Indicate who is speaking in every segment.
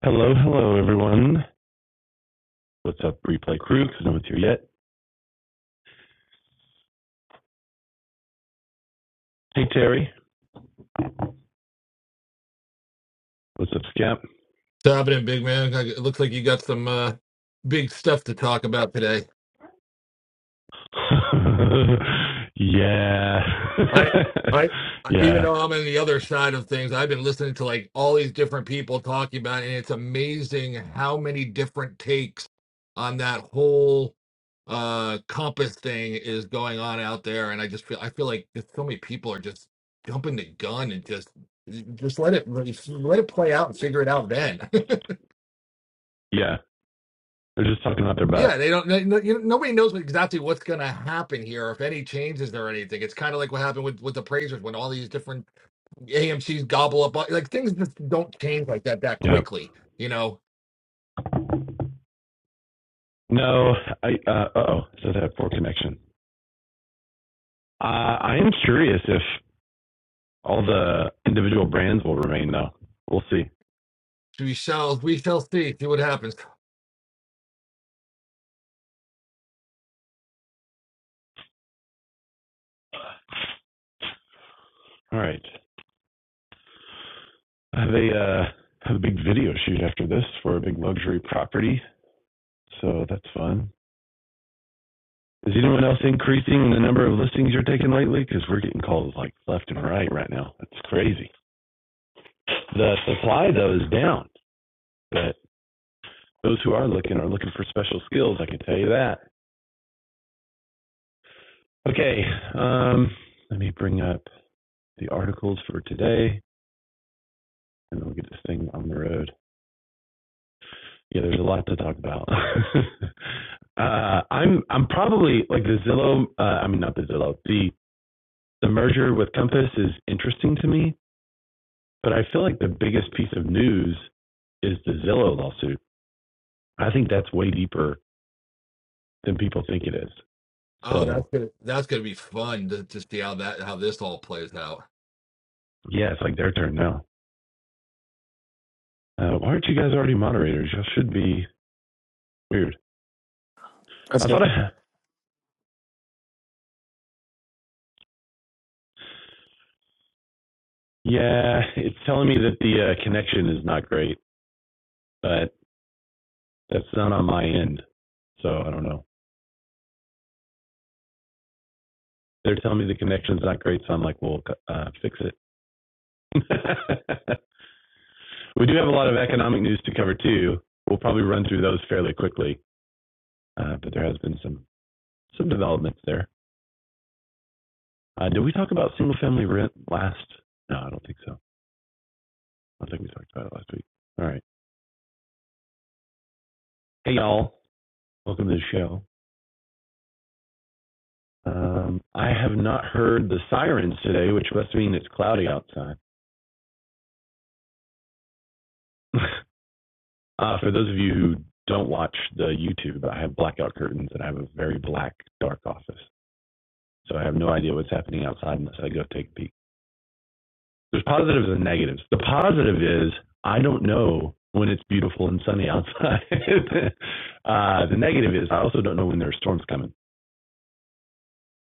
Speaker 1: Hello, hello, everyone. What's up, replay crew? Because no one's here yet. Hey, Terry. What's up, Scamp?
Speaker 2: What's happening, big man? I- It looks like you got some uh, big stuff to talk about today.
Speaker 1: yeah.
Speaker 2: I, I, even
Speaker 1: yeah.
Speaker 2: though I'm on the other side of things, I've been listening to like all these different people talking about, it, and it's amazing how many different takes on that whole uh compass thing is going on out there. And I just feel, I feel like just so many people are just jumping the gun and just, just let it, let it play out and figure it out then.
Speaker 1: Yeah. They're just talking about their butt.
Speaker 2: Yeah, they don't. They, No, you know, nobody knows exactly what's going to happen here, if any changes there or anything. It's kind of like what happened with with the Praisers when all these different AMC's gobble up. all- Like things just don't change like that that
Speaker 1: Yeah.
Speaker 2: quickly. You know,
Speaker 1: No, I, uh, oh, so that poor connection. Uh, I am curious if all the individual brands will remain, though. We'll see.
Speaker 2: we shall we shall see see what happens.
Speaker 1: All right. I have a, uh, have a big video shoot after this for a big luxury property. So that's fun. Is anyone else increasing the number of listings you're taking lately? Because we're getting calls like left and right right now. That's crazy. The supply though is down, but those who are looking are looking for special skills. I can tell you that. Okay, um, let me bring up the articles for today, and then we'll get this thing on the road. Yeah, there's a lot to talk about. uh, I'm I'm probably like the Zillow. Uh, I mean, not the Zillow. The the merger with Compass is interesting to me. But I feel like the biggest piece of news is the Zillow lawsuit. I think that's way deeper than people think it is.
Speaker 2: Oh, that's
Speaker 1: So
Speaker 2: gonna that's gonna be fun to, to see how that how this all plays out.
Speaker 1: yeah, it's like their turn now. Uh, why aren't you guys already moderators? Y'all should be. Weird. I
Speaker 3: That's it.
Speaker 1: thought. I, yeah, it's telling me that the uh, connection is not great, but that's not on my end. So I don't know. They're telling me the connection's not great, so I'm like, we'll uh, fix it. we do have a lot of economic news to cover too. We'll probably run through those fairly quickly, uh, but there has been some some developments there. Uh, did we talk about single family rent last? No, I don't think so. I think we talked about it last week. All right. Hey, y'all. Welcome to the show. Um, I have not heard the sirens today, which must mean it's cloudy outside. uh, for those of you who don't watch the YouTube, I have blackout curtains and I have a very black, dark office. So I have no idea what's happening outside unless I go take a peek. There's positives and negatives. The positive is I don't know when it's beautiful and sunny outside. uh, the negative is I also don't know when there are storms coming,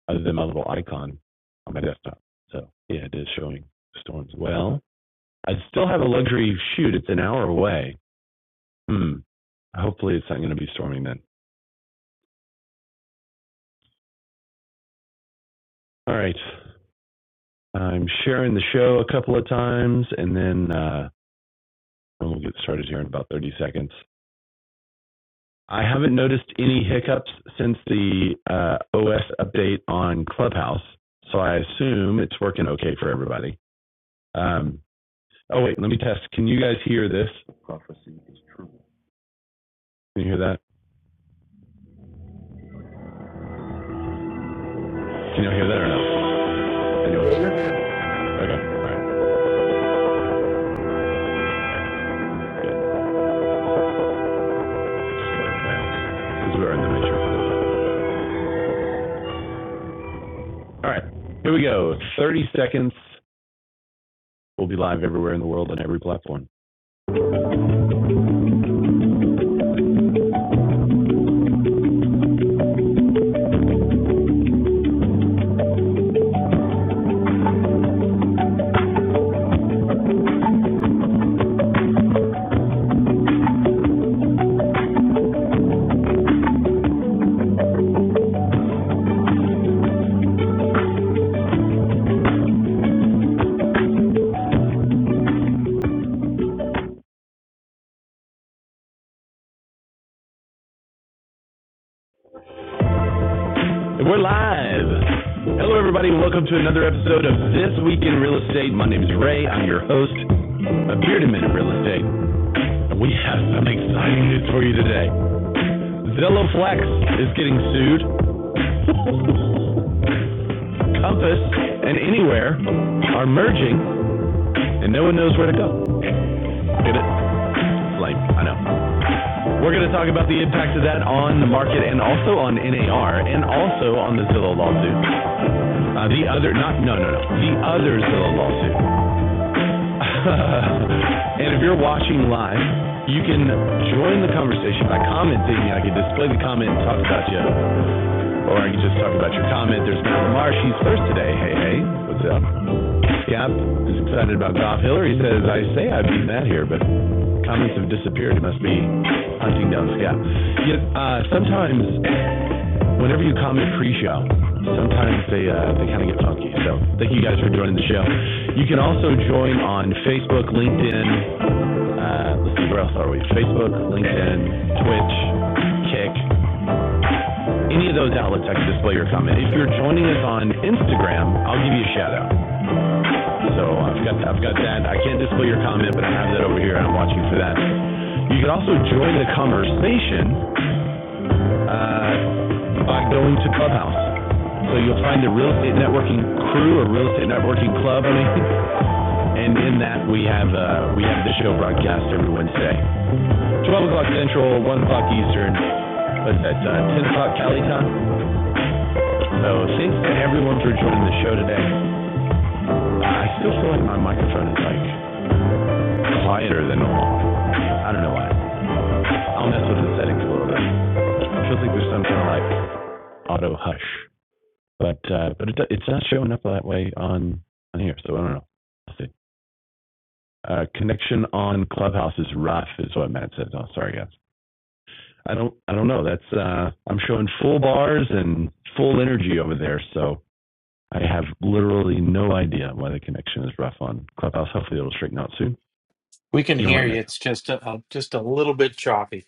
Speaker 1: other than my little icon on my desktop. So yeah, it is showing storms. Well, I still have a luxury shoot. It's an hour away. Hmm. Hopefully, it's not going to be storming then. All right. I'm sharing the show a couple of times, and then uh, we'll get started here in about 30 seconds. I haven't noticed any hiccups since the uh, OS update on Clubhouse, so I assume it's working okay for everybody. Um, oh wait, let me test. Can you guys hear this? Can you hear that? Can you hear that or no?
Speaker 2: Yeah,
Speaker 1: Anyway,
Speaker 2: you're good.
Speaker 1: okay, all right, good. Because we are in the matrix. All right, here we go. Thirty seconds. We'll be live everywhere in the world on every platform. We're live. Hello, everybody, and welcome to another episode of This Week in Real Estate. My name is Ray. I'm your host of Beard and Men in Real Estate. We have some exciting news for you today. Zillow Flex is getting sued. Compass and Anywhere are merging, and no one knows where to go. Get it? Lame. I know. We're going to talk about the impact of that on the market and also on NAR and also on the Zillow lawsuit. Uh, the other, not, no, no, no, the other Zillow lawsuit. and if you're watching live, you can join the conversation by commenting. I can display the comment and talk about you. Or I can just talk about your comment. There's Matt Lamar. She's first today. Hey, hey. What's up? Yap is excited about golf. Hillary says, I say I have beat Matt here, but comments have disappeared. It must be hunting down Scott. Yet, uh, sometimes, whenever you comment pre-show, sometimes they uh, they kind of get funky. So thank you guys for joining the show. You can also join on Facebook, LinkedIn. Uh, let's see, where else are we? Facebook, LinkedIn, Twitch, Kick. Any of those outlets, I can display your comment. If you're joining us on Instagram, I'll give you a shout out. So I've got I've got that. I can't display your comment, but I have that over here. I'm watching for that. You can also join the conversation uh, by going to Clubhouse. So you'll find the Real Estate Networking Crew or Real Estate Networking Club. I mean, and in that we have uh, we have the show broadcast every Wednesday, 12 o'clock Central, 1 o'clock Eastern. What's that? Uh, 10 o'clock Cali time. So thanks to everyone for joining the show today. I still feel like my microphone is like quieter than normal. I don't know why. I'll mess with the settings a little bit. It feels like there's some kind of like auto hush, but uh, but it, it's not showing up that way on on here. So I don't know. I'll see. Uh, connection on Clubhouse is rough, is what Matt says. Oh, sorry guys. I don't I don't know. That's uh, I'm showing full bars and full energy over there. So I have literally no idea why the connection is rough on Clubhouse. Hopefully it'll straighten out soon.
Speaker 4: We can
Speaker 1: You know
Speaker 4: hear
Speaker 1: what,
Speaker 4: you.
Speaker 1: Matt?
Speaker 4: It's just a, a- just a little bit choppy.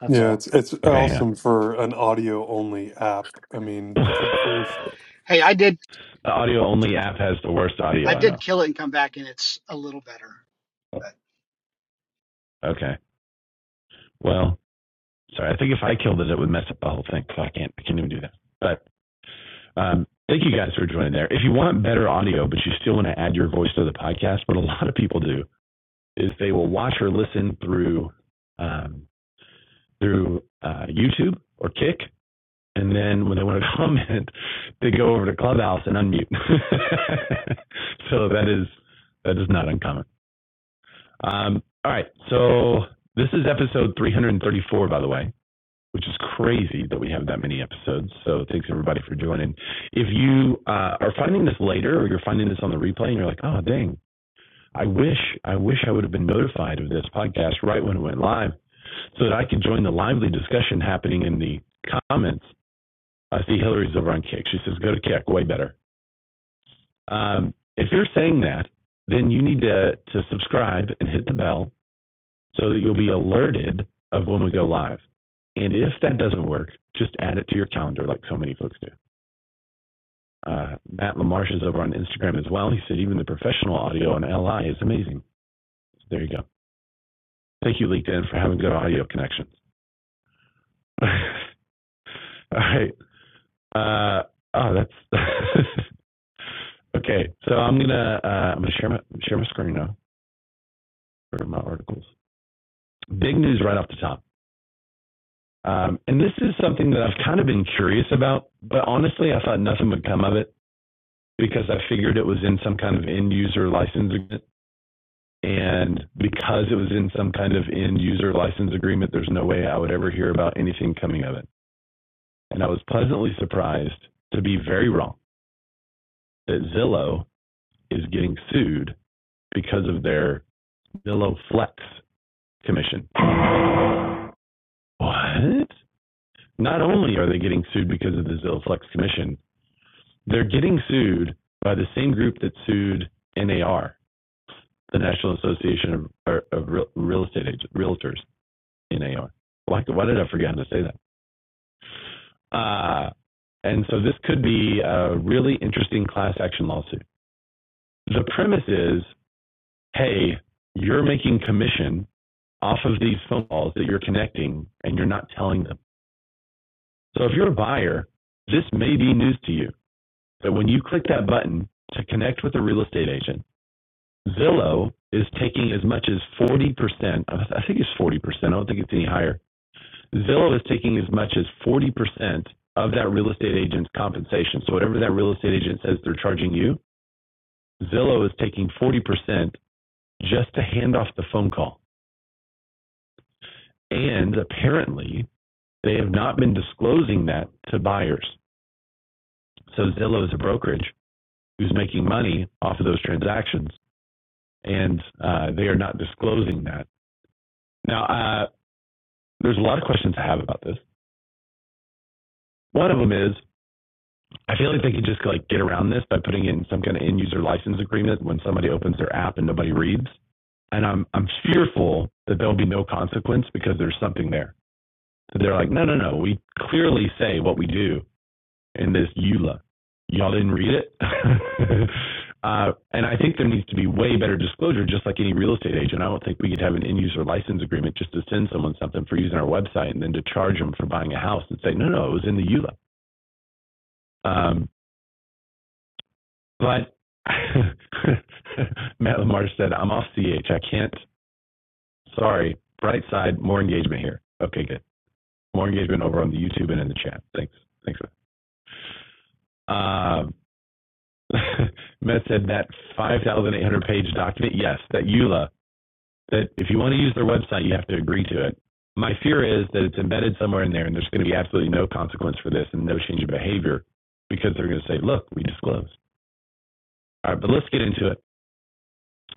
Speaker 4: That's
Speaker 3: Yeah,
Speaker 4: all.
Speaker 3: it's it's
Speaker 1: Okay, hang
Speaker 3: awesome for an audio only app. I mean, good grief.
Speaker 1: on.
Speaker 5: Hey, I did
Speaker 1: The audio only app has the worst audio
Speaker 5: I
Speaker 1: I
Speaker 5: did
Speaker 1: know.
Speaker 5: kill it and come back and it's a little better. But
Speaker 1: Okay. Well, sorry. I think if I killed it, it would mess up the whole thing. So I can't. I can't even do that. But um, thank you guys for joining there. If you want better audio, but you still want to add your voice to the podcast, what a lot of people do is they will watch or listen through um, through uh, YouTube or Kick, and then when they want to comment, they go over to Clubhouse and unmute. so that is that is not uncommon. Um, all right. So this is episode 334, by the way, which is crazy that we have that many episodes. So thanks everybody for joining. If you uh, are finding this later or you're finding this on the replay and you're like, oh, dang. I wish, I wish I would have been notified of this podcast right when it went live so that I could join the lively discussion happening in the comments. I see Hillary's over on Kick. She says, go to Kick, way better. Um, if you're saying that, then you need to, to subscribe and hit the bell so that you'll be alerted of when we go live. And if that doesn't work, just add it to your calendar like so many folks do. Uh, Matt LaMarche is over on Instagram as well. He said even the professional audio on LI is amazing. So there you go. Thank you, LinkedIn, for having good audio connections. All right. Uh, oh, that's okay. So I'm gonna uh, I'm gonna share my share my screen now for my articles. Big news right off the top. Um, and this is something that I've kind of been curious about, but honestly, I thought nothing would come of it. because I figured it was in some kind of end user license agreement. And because it was in some kind of end user license agreement, there's no way I would ever hear about anything coming of it. And I was pleasantly surprised to be very wrong that Zillow is getting sued because of their Zillow Flex commission. What? Not only are they getting sued because of the Zillow Flex commission, they're getting sued by the same group that sued NAR the National Association of, of Real, Real Estate Agents, Realtors in AR. Why, why did I forget to say that? Uh, and so this could be a really interesting class action lawsuit. The premise is, hey, you're making commission off of these phone calls that you're connecting and you're not telling them. So if you're a buyer, this may be news to you. But when you click that button to connect with a real estate agent, Zillow is taking as much as 40%, I think it's 40%, I don't think it's any higher, Zillow is taking as much as 40% of that real estate agent's compensation. So whatever that real estate agent says they're charging you, Zillow is taking 40% just to hand off the phone call. And apparently, they have not been disclosing that to buyers. So Zillow is a brokerage who's making money off of those transactions, and uh, they are not disclosing that. Now, uh, there's a lot of questions I have about this. One of them is I feel like they could just like get around this by putting in some kind of end user license agreement when somebody opens their app and nobody reads. And I'm I'm fearful that there'll be no consequence because there's something there. So they're like, no, no, no. We clearly say what we do in this EULA. Y'all didn't read it. uh, and I think there needs to be way better disclosure, just like any real estate agent. I don't think we could have an end user license agreement just to send someone something for using our website and then to charge them for buying a house and say, no, no, it was in the EULA. Um, But Matt Lamar said, I'm off CH. I can't. Sorry. Bright side, more engagement here. Okay, good. More engagement over on the YouTube and in the chat. Thanks. Thanks. Um, Matt said that 5,800 page document. Yes, that EULA, that if you want to use their website, you have to agree to it. My fear is that it's embedded somewhere in there and there's going to be absolutely no consequence for this and no change of behavior because they're going to say, look, we disclosed. All right, but let's get into it.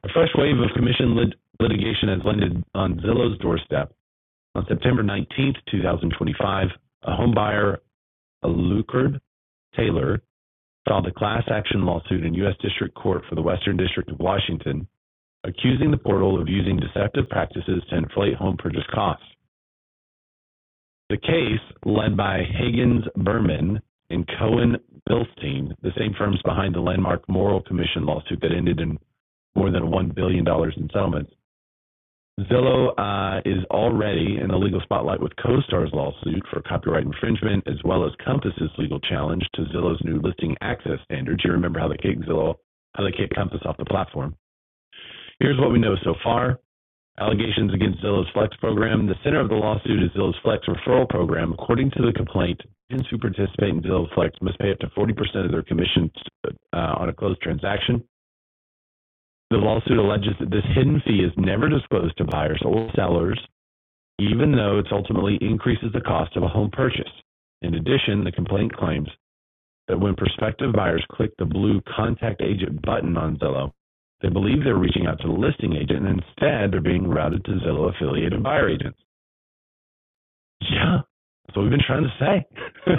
Speaker 1: A fresh wave of commission lit- litigation has landed on Zillow's doorstep. On September 19th, 2025, a homebuyer, Alucard Taylor, filed a class action lawsuit in U.S. District Court for the Western District of Washington, accusing the portal of using deceptive practices to inflate home purchase costs. The case, led by Higgins Berman and Cohen Bilstein, the same firms behind the landmark Moral Commission lawsuit that ended in more than $1 billion dollars in settlements, Zillow uh, is already in the legal spotlight with CoStar's lawsuit for copyright infringement, as well as Compass's legal challenge to Zillow's new listing access standards. You remember how they kicked Zillow, how they kicked Compass off the platform. Here's what we know so far. Allegations against Zillow's Flex program. The center of the lawsuit is Zillow's Flex referral program. According to the complaint, agents who participate in Zillow Flex must pay up to 40% of their commissions uh, on a closed transaction. The lawsuit alleges that this hidden fee is never disclosed to buyers or sellers even though it ultimately increases the cost of a home purchase. In addition, the complaint claims that when prospective buyers click the blue Contact Agent button on Zillow, they believe they're reaching out to the listing agent and instead they're being routed to Zillow affiliated buyer agents. Yeah, that's what we've been trying to say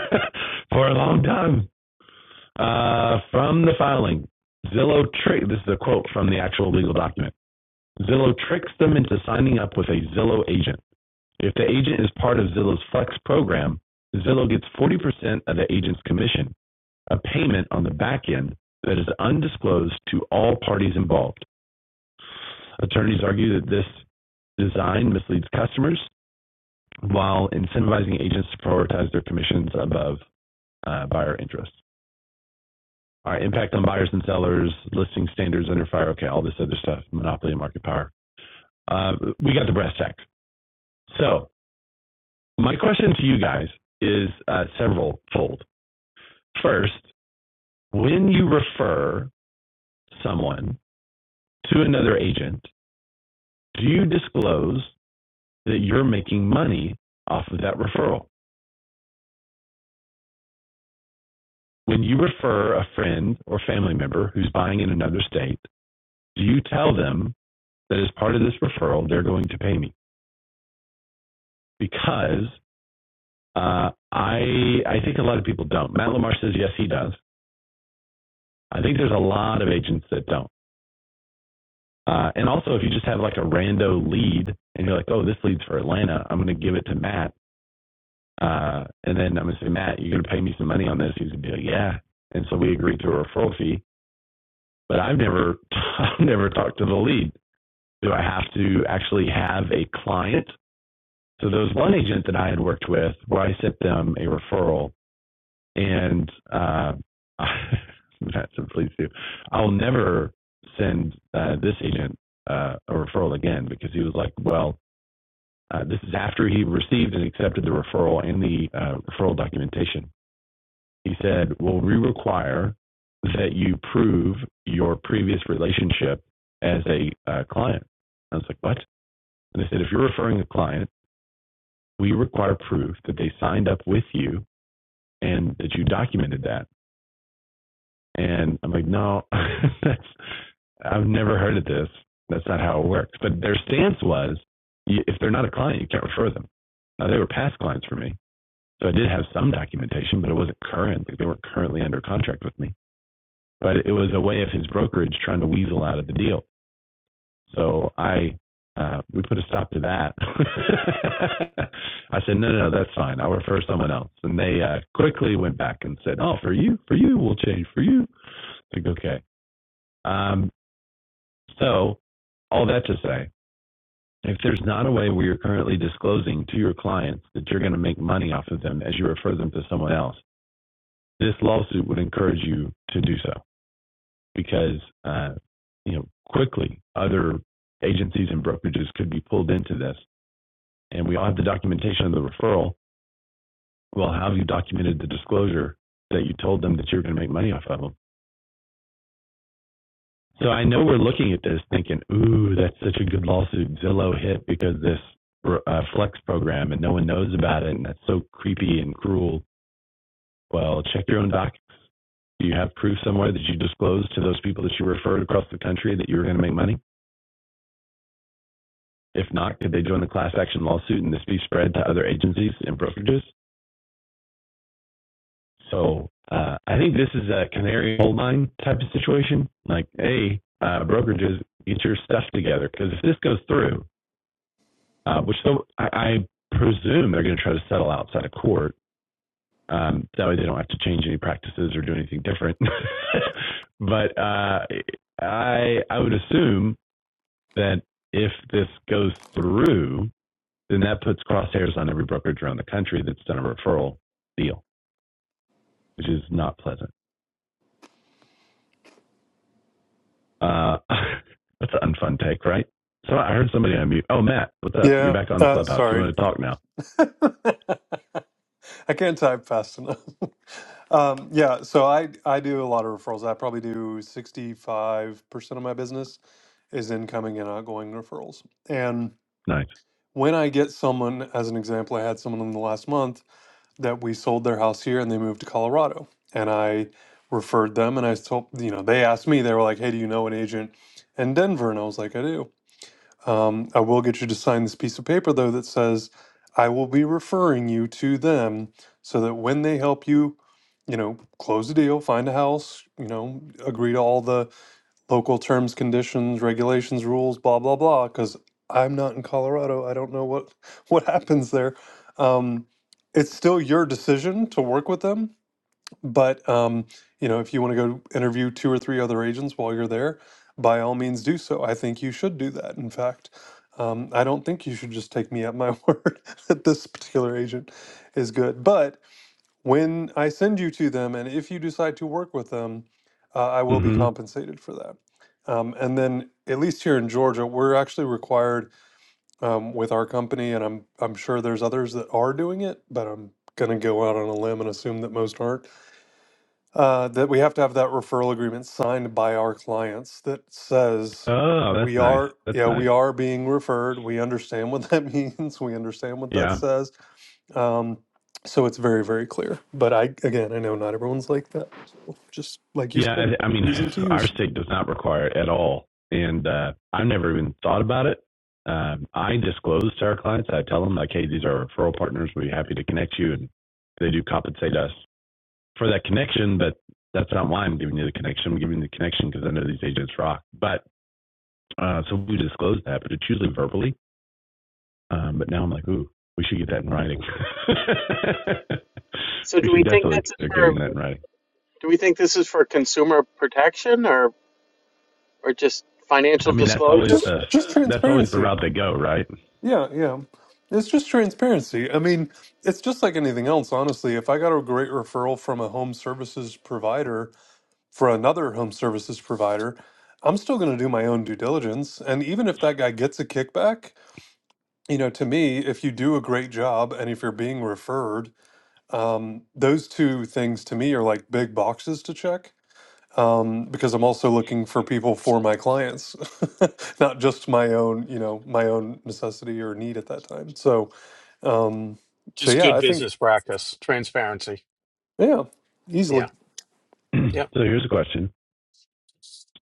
Speaker 1: for a long time. Uh, from the filing, Zillow trick. This is a quote from the actual legal document. Zillow tricks them into signing up with a Zillow agent. If the agent is part of Zillow's Flex program, Zillow gets 40% of the agent's commission, a payment on the back end that is undisclosed to all parties involved. Attorneys argue that this design misleads customers while incentivizing agents to prioritize their commissions above uh, buyer interests. All right, impact on buyers and sellers, listing standards under fire, okay, all this other stuff, monopoly and market power. Uh, we got the brass tack. So, my question to you guys is uh, several fold. First, When you refer someone to another agent, do you disclose that you're making money off of that referral? When you refer a friend or family member who's buying in another state, do you tell them that as part of this referral, they're going to pay me? Because uh, I I think a lot of people don't. Matt Lamar says yes, he does. I think there's a lot of agents that don't. Uh, and also, if you just have like a rando lead and you're like, oh, this leads for Atlanta, I'm going to give it to Matt Uh, and then I'm gonna say, Matt, you're gonna pay me some money on this. He's gonna be like, yeah. And so we agreed to a referral fee. But I've never, I've never talked to the lead. Do I have to actually have a client? So there was one agent that I had worked with where I sent them a referral, and uh, Matt said, please do. I'll never send uh, this agent uh, a referral again because he was like, well, uh, this is after he received and accepted the referral and the uh, referral documentation. he said, Well, we require that you prove your previous relationship as a uh, client. I was like, What? And I said, If you're referring a client, we require proof that they signed up with you and that you documented that. And I'm like, No, that's, I've never heard of this. That's not how it works. But their stance was if they're not a client, you can't refer them. Now, they were past clients for me. So I did have some documentation, but it wasn't current. Like they weren't currently under contract with me. but it was a way of his brokerage trying to weasel out of the deal. So I uh, we put a stop to that. I said, no, no, no, that's fine. I'll refer someone else. And they uh, quickly went back and said, oh, for you, for you, we'll change for you. I Think okay. Um, so all that to say, if there's not a way where you're currently disclosing to your clients that you're going to make money off of them as you refer them to someone else, this lawsuit would encourage you to do so. because uh, you know quickly other agencies and brokerages could be pulled into this, and we all have the documentation of the referral. Well, how have you documented the disclosure that you told them that you're going to make money off of them? So I know we're looking at this thinking, ooh, that's such a good lawsuit. Zillow hit because this uh, flex program and no one knows about it, and that's so creepy and cruel. Well, check your own doc. Do you have proof somewhere that you disclosed to those people that you referred across the country that you were going to make money? If not, could they join the class action lawsuit and this be spread to other agencies and brokerages? So uh, I think this is a canary coal mine type of situation. Like, hey, uh, brokerages, get your stuff together because if this goes through, uh, which so I, I presume they're going to try to settle outside of court. Um, that way they don't have to change any practices or do anything different. but uh, I I would assume that if this goes through, then that puts crosshairs on every brokerage around the country that's done a referral deal, which is not pleasant. Uh, that's an unfun take, right? So I heard somebody on mute. Oh, Matt, what's up? You're
Speaker 3: Yeah,
Speaker 1: back on the
Speaker 3: uh,
Speaker 1: clubhouse. You
Speaker 3: sorry,
Speaker 1: want to talk now?
Speaker 3: I can't type fast enough. Um, yeah, so I I do a lot of referrals. I probably do sixty five percent of my business is incoming and outgoing referrals. And
Speaker 1: Nice.
Speaker 3: when I get someone, as an example, I had someone in the last month that we sold their house here and they moved to Colorado. And I referred them and I told, you know, they asked me, they were like, hey, do you know an agent in Denver? And I was like, I do. Um, I will get you to sign this piece of paper, though, that says, I will be referring you to them so that when they help you, you know, close the deal, find a house, you know, agree to all the local terms, conditions, regulations, rules, blah blah blah. Because I'm not in Colorado, I don't know what what happens there. Um, it's still your decision to work with them, but um, you know if you want to go interview two or three other agents while you're there, by all means do so. I think you should do that. In fact. Um, I don't think you should just take me at my word that this particular agent is good, but when I send you to them, and if you decide to work with them, uh, I will be
Speaker 1: Mm-hmm.
Speaker 3: compensated for that. Um, and then, at least here in Georgia, we're actually required um, with our company, and I'm I'm sure there's others that are doing it, but I'm going to go out on a limb and assume that most aren't uh, that we have to have that referral agreement signed by our clients that says
Speaker 1: Oh, that's
Speaker 3: we
Speaker 1: nice.
Speaker 3: are
Speaker 1: That's
Speaker 3: yeah
Speaker 1: nice.
Speaker 3: we are being referred we understand what that means we understand what that
Speaker 1: Yeah.
Speaker 3: says um, so it's very very clear but i again i know not everyone's like that so just like you
Speaker 1: Yeah.
Speaker 3: said
Speaker 1: I, I mean,
Speaker 3: p's and
Speaker 1: our
Speaker 3: q's
Speaker 1: state does not require it at all. And uh, I've never even thought about it. Um, I disclose to our clients, I tell them, like, hey, these are referral partners. we are happy to connect you. And they do compensate us for that connection, but that's not why I'm giving you the connection. I'm giving you the connection because I know these agents rock. But uh, so we disclose that, but it's usually verbally. Um, but now I'm like, ooh, we should get that in writing.
Speaker 4: So
Speaker 1: we
Speaker 4: do we
Speaker 1: should
Speaker 4: think
Speaker 1: definitely
Speaker 4: this is
Speaker 1: consider
Speaker 4: for
Speaker 1: getting that in writing.
Speaker 4: do we think this is for consumer protection or or just
Speaker 1: I
Speaker 4: financial
Speaker 1: mean, that's always
Speaker 4: disclosure?
Speaker 3: just
Speaker 1: the
Speaker 3: just
Speaker 1: that's always the
Speaker 3: transparency
Speaker 1: route they go, right?
Speaker 3: yeah yeah it's just transparency i mean it's just like anything else honestly if i got a great referral from a home services provider for another home services provider, I'm still going to do my own due diligence. And even if that guy gets a kickback, you know, to me, if you do a great job and if you're being referred, um, those two things to me are like big boxes to check um, because I'm also looking for people for my clients, not just my own, you know, my own necessity or need at that time. So, um, so
Speaker 4: Just
Speaker 3: yeah,
Speaker 4: good
Speaker 3: I think,
Speaker 4: business practice, transparency.
Speaker 3: yeah, easily.
Speaker 4: Yeah.
Speaker 1: so
Speaker 4: Yep.
Speaker 1: here's a question.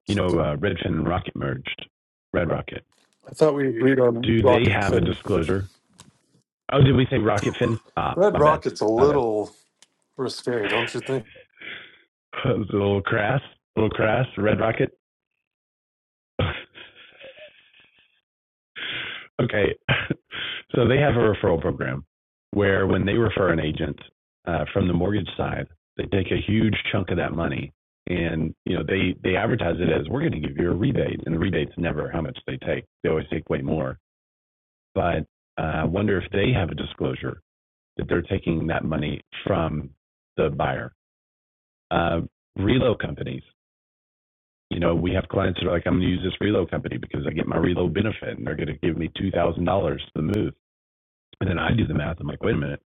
Speaker 1: You know, uh, Redfin and Rocket merged. Red Rocket.
Speaker 3: I thought we agreed on
Speaker 1: Do they
Speaker 3: rockets
Speaker 1: have a
Speaker 3: and
Speaker 1: disclosure? Oh, did we say Rocket Fin? Ah,
Speaker 3: red
Speaker 1: my bad.
Speaker 3: rockets a
Speaker 1: My bad.
Speaker 3: little. We're scary, don't you think?
Speaker 1: it was a little crass. A little crass. Red Rocket. Okay. So they have a referral program where when they refer an agent uh, from the mortgage side, they take a huge chunk of that money and you know they they advertise it as we're going to give you a rebate and the rebate's never how much they take they always take way more but I uh, wonder if they have a disclosure that they're taking that money from the buyer uh, reload companies you know we have clients that are like i'm going to use this reload company because i get my reload benefit and they're going to give me $2000 to move And then I do the math. I'm like, wait a minute.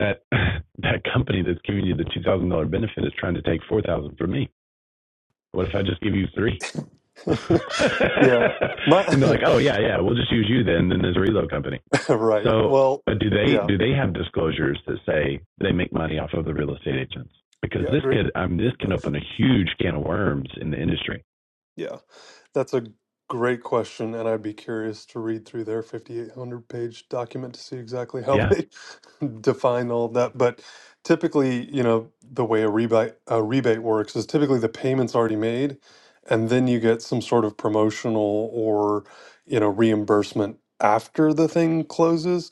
Speaker 1: That that company that's giving you the two thousand dollar benefit is trying to take four thousand dollars from me. What if I just give you three?
Speaker 3: yeah. My,
Speaker 1: and they're like, oh yeah, yeah, we'll just use you then. Then there's a reload company.
Speaker 3: right.
Speaker 1: So,
Speaker 3: Well,
Speaker 1: but do they
Speaker 3: yeah.
Speaker 1: do they have disclosures that say they make money off of the real estate agents? Because
Speaker 3: Yeah,
Speaker 1: this
Speaker 3: great
Speaker 1: could I mean, this
Speaker 3: great
Speaker 1: can open a
Speaker 3: question.
Speaker 1: huge can of worms in the industry.
Speaker 3: Yeah. That's a great question and I'd be curious to read through their 5800 page document to see exactly how
Speaker 1: Yeah,
Speaker 3: they define all of that, but typically, you know, the way a rebate a rebate works is typically the payment's already made and then you get some sort of promotional or, you know, reimbursement after the thing closes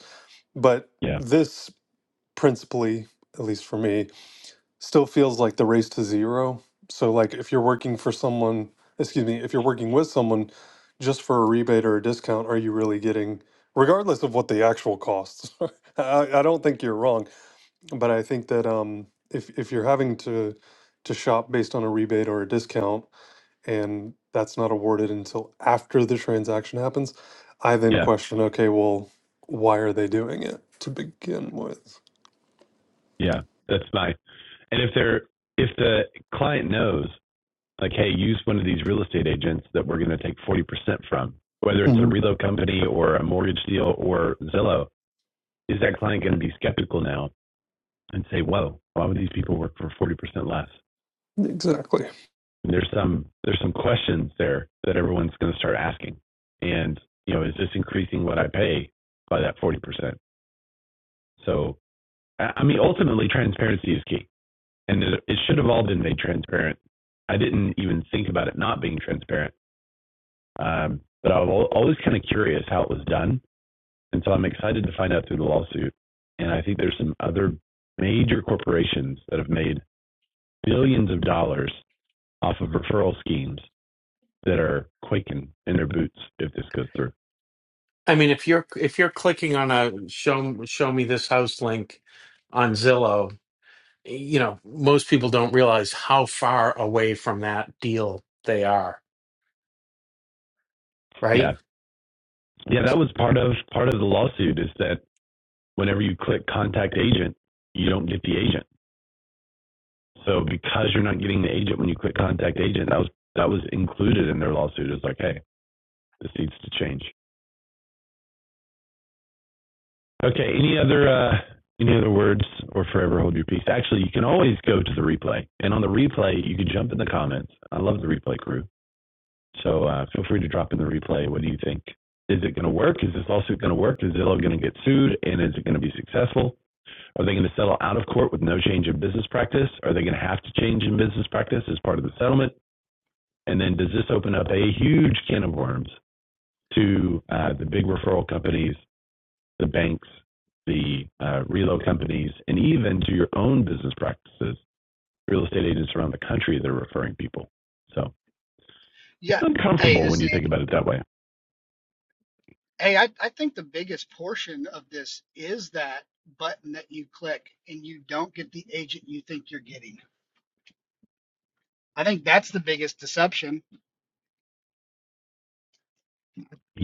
Speaker 3: but
Speaker 1: yeah,
Speaker 3: this principally, at least for me, still feels like the race to zero. So, like, if you're working for someone, excuse me, if you're working with someone just for a rebate or a discount, are you really getting, regardless of what the actual costs? I, I don't think you're wrong, but I think that um, if if you're having to to shop based on a rebate or a discount, and that's not awarded until after the transaction happens, I then
Speaker 1: yeah,
Speaker 3: question, okay, well, why are they doing it to begin with?
Speaker 1: yeah. That's nice. And if they're if the client knows like, hey, use one of these real estate agents that we're going to take 40% from, whether it's a reload company or a mortgage deal or Zillow, is that client going to be skeptical now and say, whoa, why would these people work for 40% less?
Speaker 3: Exactly.
Speaker 1: And there's some there's some questions there that everyone's going to start asking. And you know, is this increasing what I pay by that 40%? So, I mean, ultimately, transparency is key, and it should have all been made transparent. I didn't even think about it not being transparent Um, but I was always kind of curious how it was done, and so I'm excited to find out through the lawsuit. And I think there's some other major corporations that have made billions of dollars off of referral schemes that are quaking in their boots if this goes through.
Speaker 4: I mean, if you're if you're clicking on a show show me this house link on Zillow, you know, most people don't realize how far away from that deal they are,
Speaker 1: Yeah,
Speaker 4: right?
Speaker 1: yeah, that was part of part of the lawsuit is that whenever you click contact agent, you don't get the agent. So because you're not getting the agent when you click contact agent, that was that was included in their lawsuit. It's like, hey, this needs to change. Okay. Any other uh, any other words or forever hold your peace? Actually, you can always go to the replay, and on the replay, you can jump in the comments. I love the replay crew, so uh, feel free to drop in the replay. What do you think? Is it going to work? Is this lawsuit going to work? Is Zillow going to get sued, and is it going to be successful? Are they going to settle out of court with no change in business practice? Are they going to have to change in business practice as part of the settlement? And then does this open up a huge can of worms to uh, the big referral companies the banks, the uh, reload companies, and even to your own business practices. Real estate agents around the country that are referring people. So it's
Speaker 5: yeah, hey,
Speaker 1: uncomfortable
Speaker 5: this
Speaker 1: when
Speaker 5: is
Speaker 1: you think
Speaker 5: Andy.
Speaker 1: about it that way.
Speaker 5: Hey, I, I think the biggest portion of this is that button that you click and you don't get the agent you think you're getting. I think that's the biggest deception.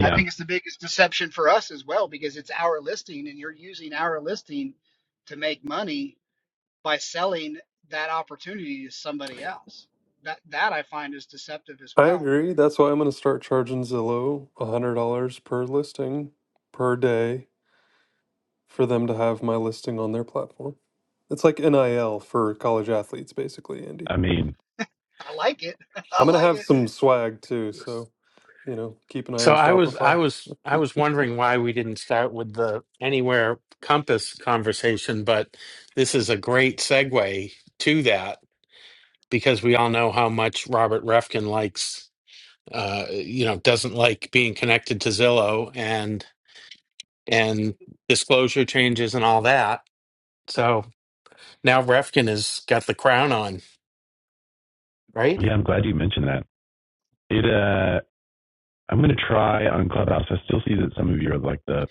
Speaker 5: I think it's the biggest deception for us as well because it's our listing and you're using our listing to make money by selling that opportunity to somebody else. That that I find is deceptive as
Speaker 3: I
Speaker 5: well.
Speaker 3: agree. That's why I'm going to start charging Zillow $100 per listing per day for them to have my listing on their platform. It's like NIL for college athletes, basically, Andy.
Speaker 1: I mean,
Speaker 5: I like it. I
Speaker 3: I'm going to
Speaker 5: like it.
Speaker 3: have some swag too. So, you know, keep an eye
Speaker 4: So
Speaker 3: on
Speaker 4: I was I
Speaker 3: Shopify.
Speaker 4: was I was wondering why we didn't start with the anywhere compass conversation, but this is a great segue to that because we all know how much Robert Refkin likes uh you know doesn't like being connected to Zillow and and disclosure changes and all that. So now Refkin has got the crown on, right?
Speaker 1: yeah, I'm glad you mentioned that. It, uh, I'm going to try on Clubhouse. I still see that some of you are like the,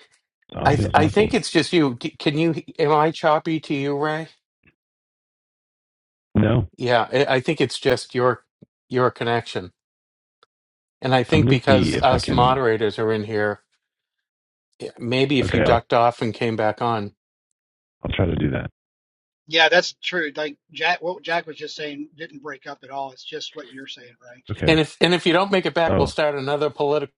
Speaker 1: the
Speaker 4: I
Speaker 1: audio
Speaker 4: th-
Speaker 1: is
Speaker 4: I think
Speaker 1: muffled.
Speaker 4: it's just you. D- Can you am I choppy to you, Ray?
Speaker 1: No,
Speaker 4: Yeah, I I think it's just your your connection. And I
Speaker 1: I'm
Speaker 4: think
Speaker 1: going to see
Speaker 4: because
Speaker 1: if I
Speaker 4: us
Speaker 1: can.
Speaker 4: moderators are in here, eh, maybe if
Speaker 1: Okay,
Speaker 4: you
Speaker 1: I'll
Speaker 4: ducked off and came back on,
Speaker 1: I'll try to do that.
Speaker 5: Yeah, that's true. Like Jack, what Jack was just saying didn't break up at all. It's just what you're saying, right?
Speaker 1: Okay.
Speaker 4: and if and if you don't make it back, we'll
Speaker 1: Oh,
Speaker 4: start another political.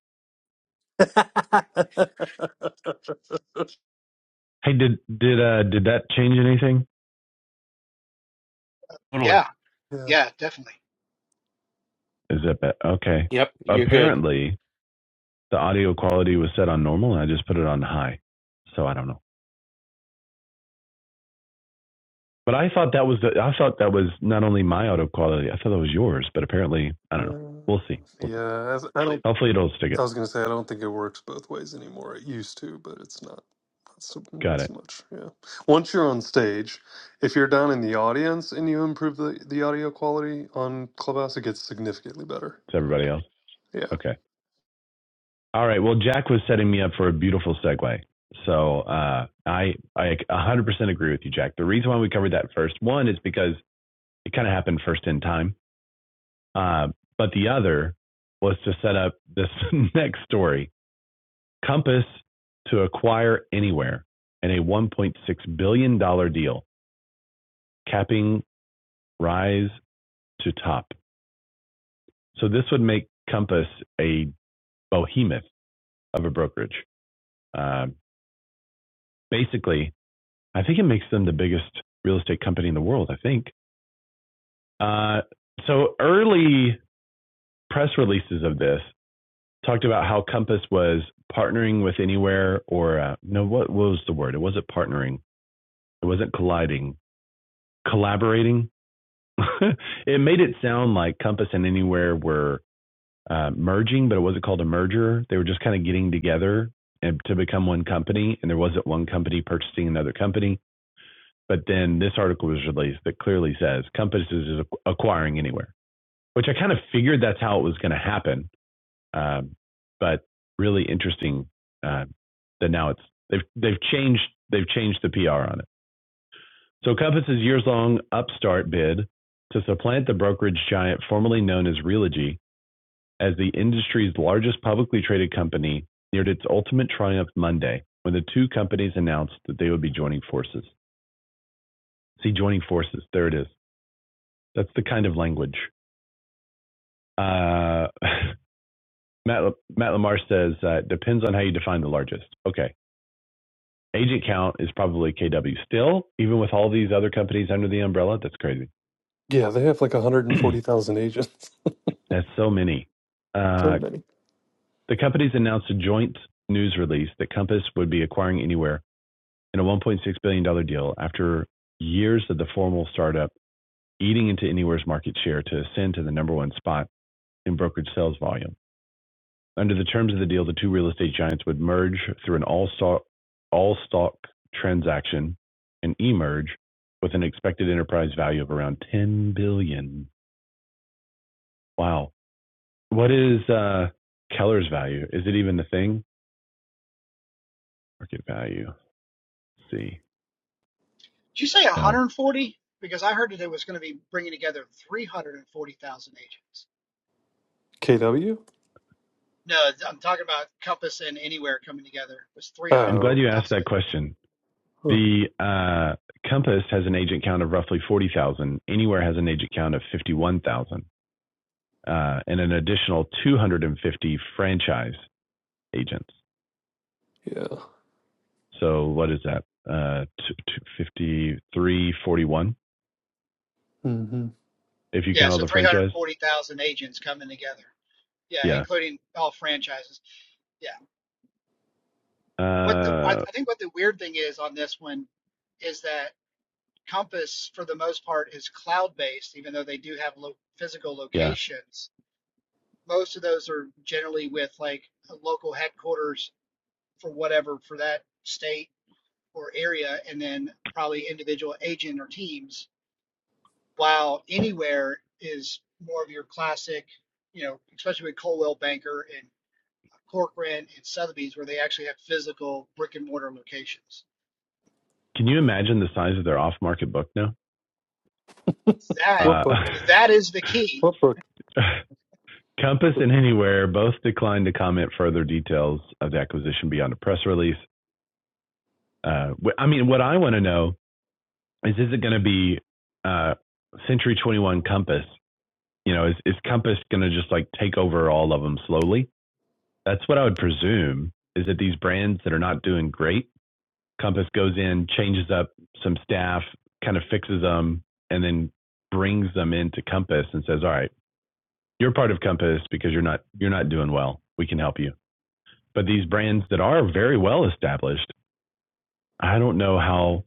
Speaker 1: hey, did did uh did that change anything?
Speaker 4: Totally.
Speaker 5: Yeah,
Speaker 3: Yeah.
Speaker 5: yeah, definitely.
Speaker 1: Is that bad? Okay.
Speaker 4: Yep, you're good.
Speaker 1: Apparently, the audio quality was set on normal and I just put it on high. So I don't know. But I thought that was the, I thought that was not only my audio quality, I thought that was yours, but apparently I
Speaker 3: Uh,
Speaker 1: don't know. We'll see. We'll see.
Speaker 3: yeah. that's- I don't
Speaker 1: Hopefully it'll stick it.
Speaker 3: I was gonna say I don't think it works both ways anymore. It used to, but it's not. Not so, not
Speaker 1: Got it.
Speaker 3: so much. Yeah. Once you're on stage, if you're down in the audience and you improve the, the audio quality on Clubhouse, it gets significantly better.
Speaker 1: To everybody else.
Speaker 3: Yeah.
Speaker 1: Okay. All right. Well, Jack was setting me up for a beautiful segue. So uh, I I 100% agree with you, Jack. The reason why we covered that first one is because it kind of happened first in time. Uh, but the other was to set up this next story Compass to acquire Anywhere and a $1.6 billion dollars deal, capping Rise to top. So this would make Compass a behemoth of a brokerage. Uh, basically, I think it makes them the biggest real estate company in the world, I think. Uh, so early press releases of this talked about how Compass was partnering with Anywhere or uh, no, what was the word? It wasn't partnering. It wasn't colliding. Collaborating it made it sound like Compass and Anywhere were uh, merging, but it wasn't called a merger. They were just kind of getting together and to become one company, and there wasn't one company purchasing another company. But then this article was released that clearly says Compass is acquiring Anywhere, which I kind of figured that's how it was going to happen. Um, but really interesting uh, that now it's they've they've changed they've changed the PR on it. So Compass's years long upstart bid to supplant the brokerage giant formerly known as Realogy as the industry's largest publicly traded company neared its ultimate triumph Monday when the two companies announced that they would be joining forces. See, joining forces. There it is. That's the kind of language. Uh, Matt, Le- Matt Lamar says, uh, depends on how you define the largest. Okay. Agent count is probably KW still, even with all these other companies under the umbrella. That's crazy.
Speaker 3: Yeah, they have like 140,000 agents.
Speaker 1: That's so many. Uh,
Speaker 3: So many.
Speaker 1: The companies announced a joint news release that Compass would be acquiring Anywhere in a $1.6 billion dollars deal after years of the formal startup eating into Anywhere's market share to ascend to the number one spot in brokerage sales volume. Under the terms of the deal, the two real estate giants would merge through an all-stock all-stock transaction and emerge with an expected enterprise value of around $10 billion. dollars. Wow. What is uh, Keller's value? Is it even the thing? Market value. Let's see.
Speaker 5: Did you say
Speaker 1: No.
Speaker 5: 140? Because I heard that it was going to be bringing together 340,000 agents.
Speaker 3: KW?
Speaker 5: No, I'm talking about Compass and Anywhere coming together. It was
Speaker 1: I'm glad
Speaker 3: Oh.
Speaker 1: you asked
Speaker 5: 340,000.
Speaker 1: that question.
Speaker 3: Huh.
Speaker 1: The uh, Compass has an agent count of roughly 40,000. Anywhere has an agent count of 51,000 uh, and an additional 250 franchise agents.
Speaker 3: Yeah.
Speaker 1: So what is that? Uh, t-
Speaker 3: hmm
Speaker 1: if you
Speaker 5: Yeah,
Speaker 1: count all
Speaker 5: so
Speaker 1: the franchise?
Speaker 5: 340,000 agents coming together. Yeah,
Speaker 1: Yeah.
Speaker 5: including all franchises. Yeah. What the I,
Speaker 1: Uh,
Speaker 5: I think what the weird thing is on this one is that. Compass, for the most part, is cloud based, even though they do have lo- physical
Speaker 1: yeah.
Speaker 5: locations. Most of those are generally with like a local headquarters for whatever for that state or area, and then probably individual agent or teams. While anywhere is more of your classic, you know, especially with Coldwell Banker and Corcoran and Sotheby's, where they actually have physical brick and mortar locations.
Speaker 1: Can you imagine the size of their off market book now?
Speaker 5: That
Speaker 3: What
Speaker 1: Uh,
Speaker 3: book?
Speaker 5: that is the key
Speaker 3: What book?
Speaker 1: Compass and Anywhere both declined to comment further details of the acquisition beyond a press release. Uh, I mean, what I want to know is, is it going to be uh, Century 21 Compass? You know, is, is Compass going to just like take over all of them slowly? That's what I would presume is that these brands that are not doing great, Compass goes in, changes up some staff, kind of fixes them, and then brings them into Compass and says, all right, you're part of Compass because you're not you're not doing well. We can help you. But these brands that are very well established, I don't know how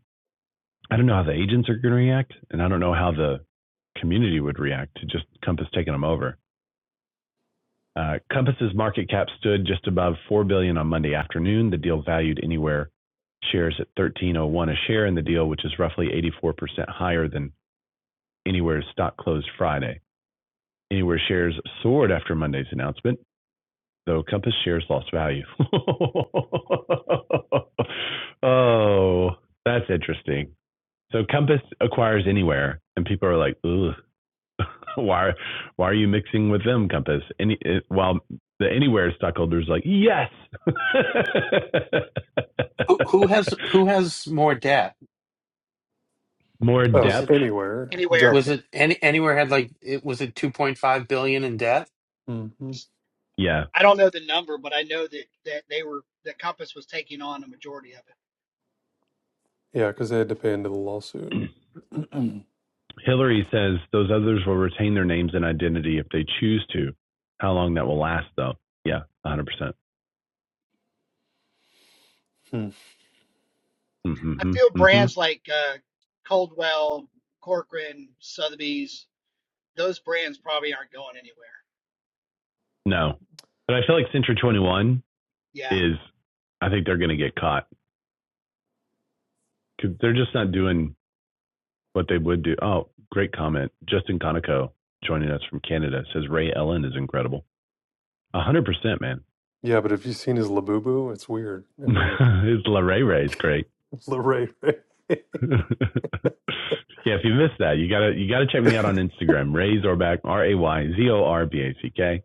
Speaker 1: I don't know how the agents are going to react, and I don't know how the community would react to just Compass taking them over. Uh, Compass's market cap stood just above four billion dollars on Monday afternoon. The deal valued anywhere shares at 1301 a share in the deal, which is roughly 84% higher than Anywhere's stock closed Friday. Anywhere shares soared after Monday's announcement, though Compass shares lost value. oh, that's interesting. So Compass acquires Anywhere, and people are like, ugh, why why are you mixing with them compass any it, while the anywhere stockholders like yes
Speaker 4: Who, who has who has more debt?
Speaker 1: more
Speaker 4: Was
Speaker 3: Oh,
Speaker 1: depth
Speaker 4: it
Speaker 3: anywhere.
Speaker 5: anywhere.
Speaker 4: was
Speaker 3: Definitely.
Speaker 4: it any anywhere had like it was it two point five billion in debt?
Speaker 3: hmm
Speaker 1: yeah
Speaker 5: I don't know the number, but I know that that they were that Compass was taking on a majority of it.
Speaker 3: Yeah, because they had to pay into the lawsuit. hmm
Speaker 1: hillary says those others will retain their names and identity if they choose to how long that will last though yeah 100% percent mm
Speaker 5: I
Speaker 1: hmm
Speaker 5: feel
Speaker 1: mm-hmm.
Speaker 5: brands like uh, Coldwell, Corcoran, Sotheby's, those brands probably aren't going anywhere.
Speaker 1: no but i feel like century 21
Speaker 5: Yeah.
Speaker 1: is i think they're going to get caught 'Cause they're just not doing what they would do. Oh, great comment. Justin Conoco joining us from Canada says Ray Ellen is incredible. A hundred percent, man.
Speaker 3: Yeah, but if you've seen his Labubu, it's weird. I mean,
Speaker 1: it's La Ray Ray. It's great.
Speaker 3: Larray, Ray.
Speaker 1: yeah, if you missed that, you gotta you gotta check me out on Instagram. Ray Zorback, R A Y Z O R B A C K.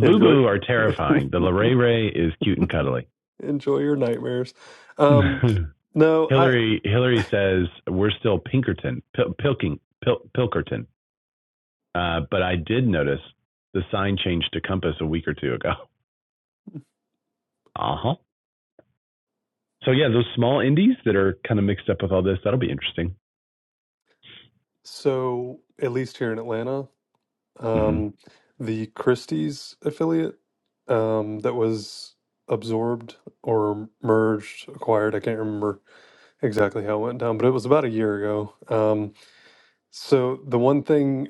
Speaker 3: enjoy,
Speaker 1: are terrifying. The La Ray Ray is cute and cuddly.
Speaker 3: enjoy your nightmares. Um, no, I
Speaker 1: Hillary Hillary says we're still Pinkerton Pil- Pilking Pil- Pilkerton, uh, but I did notice the sign changed to Compass a week or two ago. Uh huh. So yeah, those small indies that are kind of mixed up with all this, that'll be interesting.
Speaker 3: so at least here in Atlanta,
Speaker 1: hmm
Speaker 3: um, the Christie's affiliate um, that was absorbed or merged, acquired. I can't remember exactly how it went down, but it was about a year ago. Um, so the one thing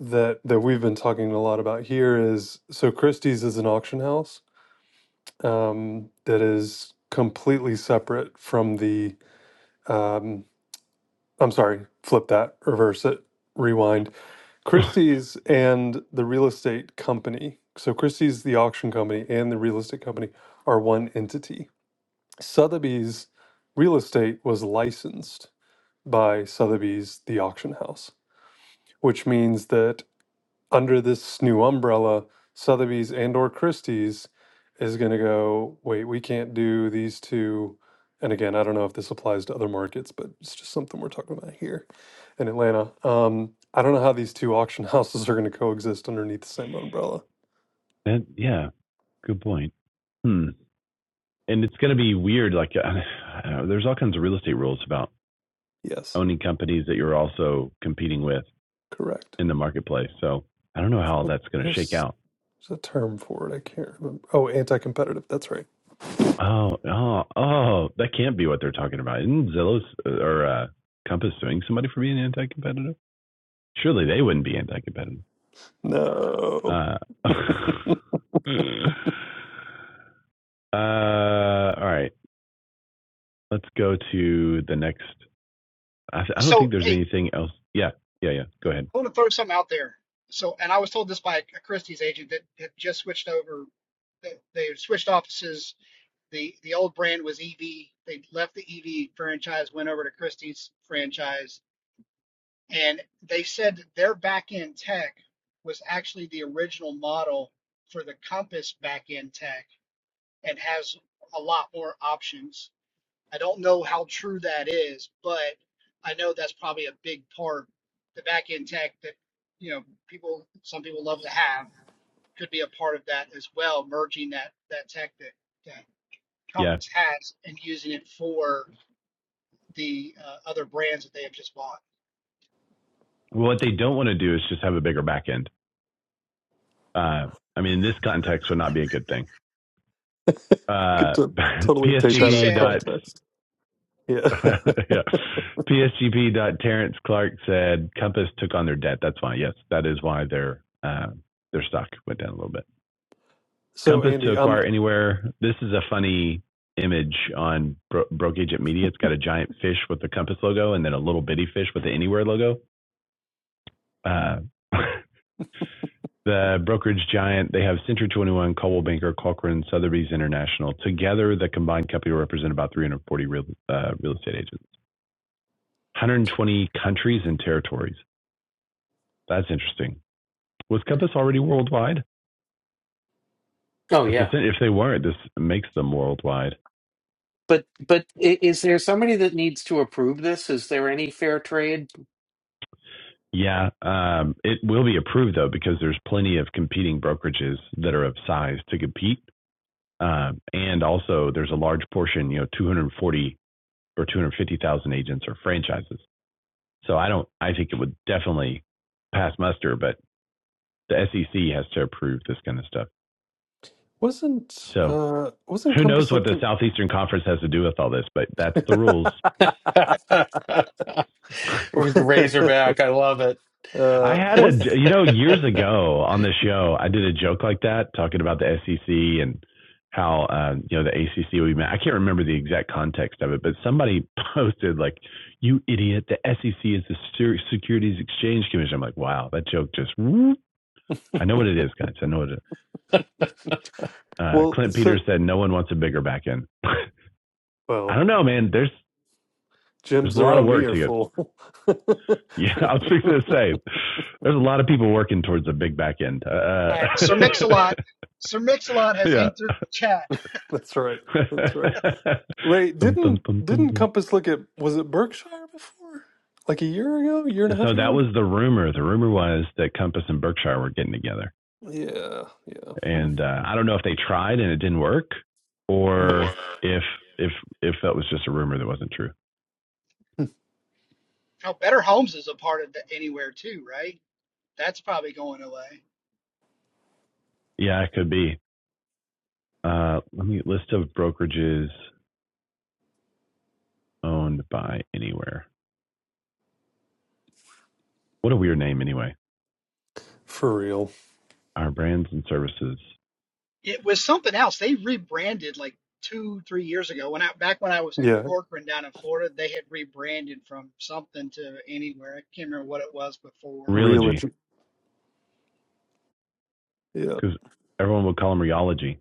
Speaker 3: that that we've been talking a lot about here is so Christie's is an auction house um, that is completely separate from the. Um, I'm sorry, flip that, reverse it, rewind. Christie's and the real estate company. So Christie's, the auction company, and the real estate company are one entity. Sotheby's real estate was licensed by Sotheby's, the auction house, which means that under this new umbrella, Sotheby's and or Christie's is going to go, wait, we can't do these two. And again, I don't know if this applies to other markets, but it's just something we're talking about here in Atlanta. Um, I don't know how these two auction houses are going to coexist underneath the same umbrella.
Speaker 1: That, yeah, good point. Hmm. And it's going to be weird. Like, I don't know, there's all kinds of real estate rules about
Speaker 3: Yes,
Speaker 1: owning companies that you're also competing with
Speaker 3: correct.
Speaker 1: in the marketplace. So I don't know how that's going to shake
Speaker 3: There's,
Speaker 1: out.
Speaker 3: there's a term for it. I can't remember. Oh, anti-competitive. That's right.
Speaker 1: Oh, oh, oh, that can't be what they're talking about. Isn't Zillow or uh, Compass suing somebody for being anti-competitive? Surely they wouldn't be anti-competitive.
Speaker 3: No.
Speaker 1: Uh, Uh, all right. Let's go to the next. I, I don't think
Speaker 5: So
Speaker 1: there's
Speaker 5: hey, I
Speaker 1: anything else. Yeah, yeah, yeah. Go ahead.
Speaker 5: want to throw something out there. So, and I was told this by a Christie's agent that had just switched over. They, they had switched offices. The the old brand was EV. They left the EV franchise, went over to Christie's franchise And they said that their back end tech was actually the original model for the Compass back end tech and has a lot more options. I don't know how true that is, but I know that's probably a big part. The back end tech that, you know, people, some people love to have could be a part of that as well, merging that, that tech that, that
Speaker 1: Yeah.
Speaker 5: Compass has and using it for the uh, other brands that they have just bought.
Speaker 1: Well, what they don't want to do is just have a bigger back end. Uh, I mean, in this context, would not be a good thing.
Speaker 3: Get
Speaker 1: Uh,
Speaker 3: to totally take
Speaker 5: She
Speaker 3: that out of
Speaker 1: PSGP
Speaker 5: said,
Speaker 1: dot.
Speaker 3: context. Yeah.
Speaker 1: yeah. PSGP dot Terrence Clark said Compass took on their debt. That's why. Yes, that is why their uh, their stock went down a little bit.
Speaker 3: so
Speaker 1: Compass to
Speaker 3: Andy, um,
Speaker 1: acquire anywhere. This is a funny image on Bro- Broke Agent Media. It's got a giant fish with the Compass logo and then a little bitty fish with the Anywhere logo. Uh, the brokerage giant, they have Century 21, Coldwell Banker, Corcoran, Sotheby's International. Together, the combined company will represent about 340 real, uh, real estate agents, 120 countries and territories. That's interesting. Was Compass already worldwide?
Speaker 4: Oh
Speaker 1: This is,
Speaker 4: yeah.
Speaker 1: if they weren't, this makes them worldwide.
Speaker 4: But but i- is there somebody that needs to approve this? Is there any fair trade
Speaker 1: Yeah, um, it will be approved though because there's plenty of competing brokerages that are of size to compete, um, and also there's a large portion, you know, 240 or 250,000 agents or franchises. So I don't, I think it would definitely pass muster, but the SEC has to approve this kind of stuff.
Speaker 3: wasn't
Speaker 1: So
Speaker 3: uh, wasn't
Speaker 1: who knows
Speaker 3: Compass
Speaker 1: what the
Speaker 3: looking?
Speaker 1: Southeastern Conference has to do with all this, but that's the rules.
Speaker 4: With the Razorback, I love it.
Speaker 1: I
Speaker 3: uh,
Speaker 1: had a,
Speaker 3: was
Speaker 1: you know, years ago on the show, I did a joke like that talking about the SEC and how, um, you know, the ACC would be mad. I can't remember the exact context of it, but somebody posted, like, you idiot, the SEC is the Securities Exchange Commission. I'm like, wow, that joke just, whoop. I know what it is, guys. I know what it is. Uh,
Speaker 3: well,
Speaker 1: Clint
Speaker 3: so
Speaker 1: Peters said, no one wants a bigger back end.
Speaker 3: well.
Speaker 1: I don't know, man. There's, there's
Speaker 3: Gyms
Speaker 1: a lot of
Speaker 3: around me
Speaker 1: work
Speaker 3: are
Speaker 1: to get.
Speaker 3: full. yeah,
Speaker 1: Yeah, I was fixing to say, there's a lot of people working towards a big back end. Uh,
Speaker 5: All right, Sir Mix-a-Lot. Sir Mix-a-Lot has
Speaker 1: yeah.
Speaker 5: entered chat.
Speaker 3: that's right. That's right. Ray,
Speaker 1: Dum, dum,
Speaker 3: didn't
Speaker 1: dum, dum,
Speaker 3: didn't
Speaker 1: dum.
Speaker 3: Compass look at was it Berkshire before? Like a year ago, year and a
Speaker 1: so
Speaker 3: half
Speaker 1: that
Speaker 3: ago?
Speaker 1: was the rumor. The rumor was that Compass and Berkshire were getting together,
Speaker 3: Yeah, yeah.
Speaker 1: and uh, I don't know if they tried and it didn't work,
Speaker 3: Hmm.
Speaker 1: or if if if that was just a rumor that wasn't true.
Speaker 5: Now, Better Homes is a part of the Anywhere too, right? That's probably going away.
Speaker 1: Yeah, it could be. Uh, let me list of brokerages owned by Anywhere. What a weird name, anyway.
Speaker 3: For real.
Speaker 1: Our brands and services,
Speaker 5: It was something else. They rebranded like two, three years ago. When I back when I was at
Speaker 3: Yeah,
Speaker 5: Corcoran down in Florida, they had rebranded from something to Anywhere. I can't remember what it was before.
Speaker 3: real.
Speaker 1: Realogy,
Speaker 3: ag- Yeah,
Speaker 1: because everyone would call them Reology.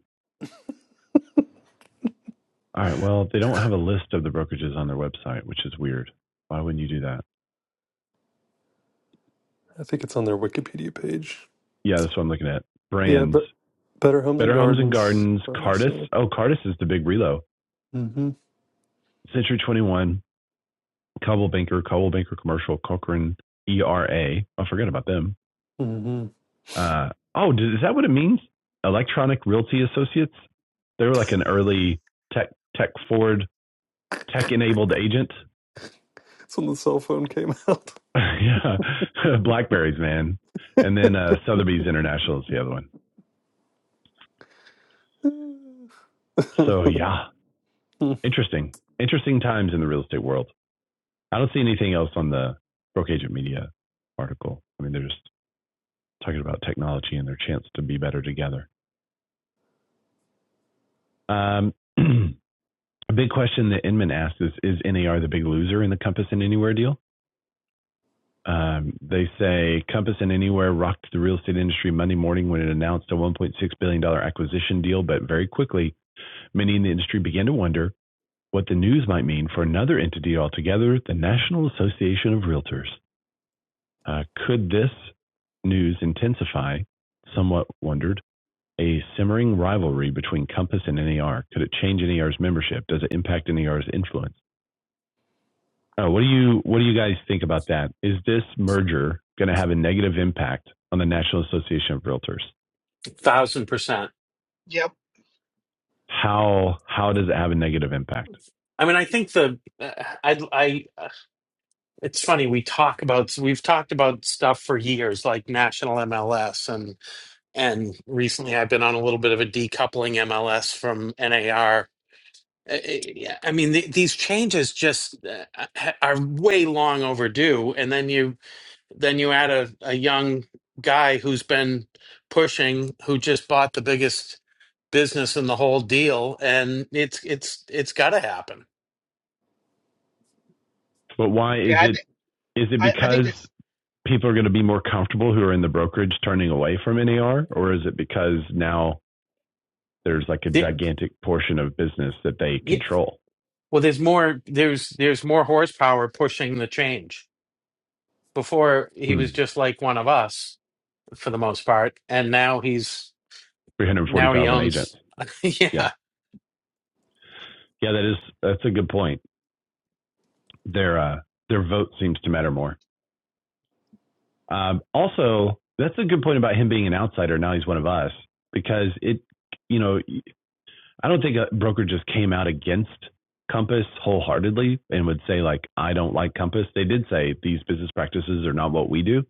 Speaker 1: All right. Well, they don't have a list of the brokerages on their website, which is weird. Why wouldn't you do that?
Speaker 3: I think it's on their Wikipedia page.
Speaker 1: Yeah, that's what I'm looking at.
Speaker 3: Yeah,
Speaker 1: Brands.
Speaker 3: but Better Homes and
Speaker 1: Better Homes and
Speaker 3: Gardens.
Speaker 1: Gardens, Cardis.
Speaker 3: Mm-hmm.
Speaker 1: Oh, Cardis is the big relo. Century 21, Cobble Banker, Cobble Banker Commercial, Cochrane, E R A. Oh, I forgot about them.
Speaker 3: Mm-hmm.
Speaker 1: Uh, oh, is that what it means? Electronic Realty Associates. They were like an early tech tech forward, tech enabled agent.
Speaker 3: It's when the cell phone came out.
Speaker 1: yeah, Blackberries, man. And then uh, Sotheby's International is the other one. So yeah, interesting, interesting times in the real estate world. I don't see anything else on the Broke Agent Media article. I mean, they're just talking about technology and their chance to be better together. Um, a big question that Inman asks is Is NAR the big loser in the Compass and Anywhere deal? Um, they say Compass and Anywhere rocked the real estate industry Monday morning when it announced a $1.6 billion dollars acquisition deal, but very quickly, many in the industry began to wonder what the news might mean for another entity altogether, the National Association of Realtors. Uh, could this news intensify, somewhat wondered, a simmering rivalry between Compass and NER? Could it change NER's membership? Does it impact NER's influence? Uh, what do you what do you guys think about that? Is this merger going to have a negative impact on the National Association of Realtors?
Speaker 4: Thousand percent.
Speaker 5: Yep.
Speaker 1: How how does it have a negative impact?
Speaker 4: I mean, I think the uh, I I. uh, It's funny we talk about we've talked about stuff for years, like national MLS, and and recently I've been on a little bit of a decoupling MLS from NAR Uh, uh, yeah, I mean, the, these changes just uh, uh, ha- are way long overdue. And then you then you add a, a young guy who's been pushing, who just bought the biggest business in the whole deal, and it's it's it's got to happen.
Speaker 1: But why is
Speaker 5: Yeah, I
Speaker 1: it
Speaker 5: think
Speaker 1: is it
Speaker 5: I, I think
Speaker 1: because
Speaker 5: that's
Speaker 1: people are going to be more comfortable who are in the brokerage turning away from NAR, or is it because now there's like a
Speaker 4: The-
Speaker 1: gigantic portion of business that they
Speaker 4: yeah,
Speaker 1: control.
Speaker 4: well, there's more there's there's more horsepower pushing the change. Before he was
Speaker 1: Hmm.
Speaker 4: just like one of us for the most part, and now he's now he
Speaker 1: 340,000 agents.
Speaker 4: owns.
Speaker 1: Yeah.
Speaker 4: yeah,
Speaker 1: Yeah, that is that's a good point. Their uh, their vote seems to matter more. Um, also, that's a good point about him being an outsider. Now he's one of us because it, you know, I don't think a broker just came out against Compass wholeheartedly and would say like, I don't like Compass. They did say these business practices are not what we do.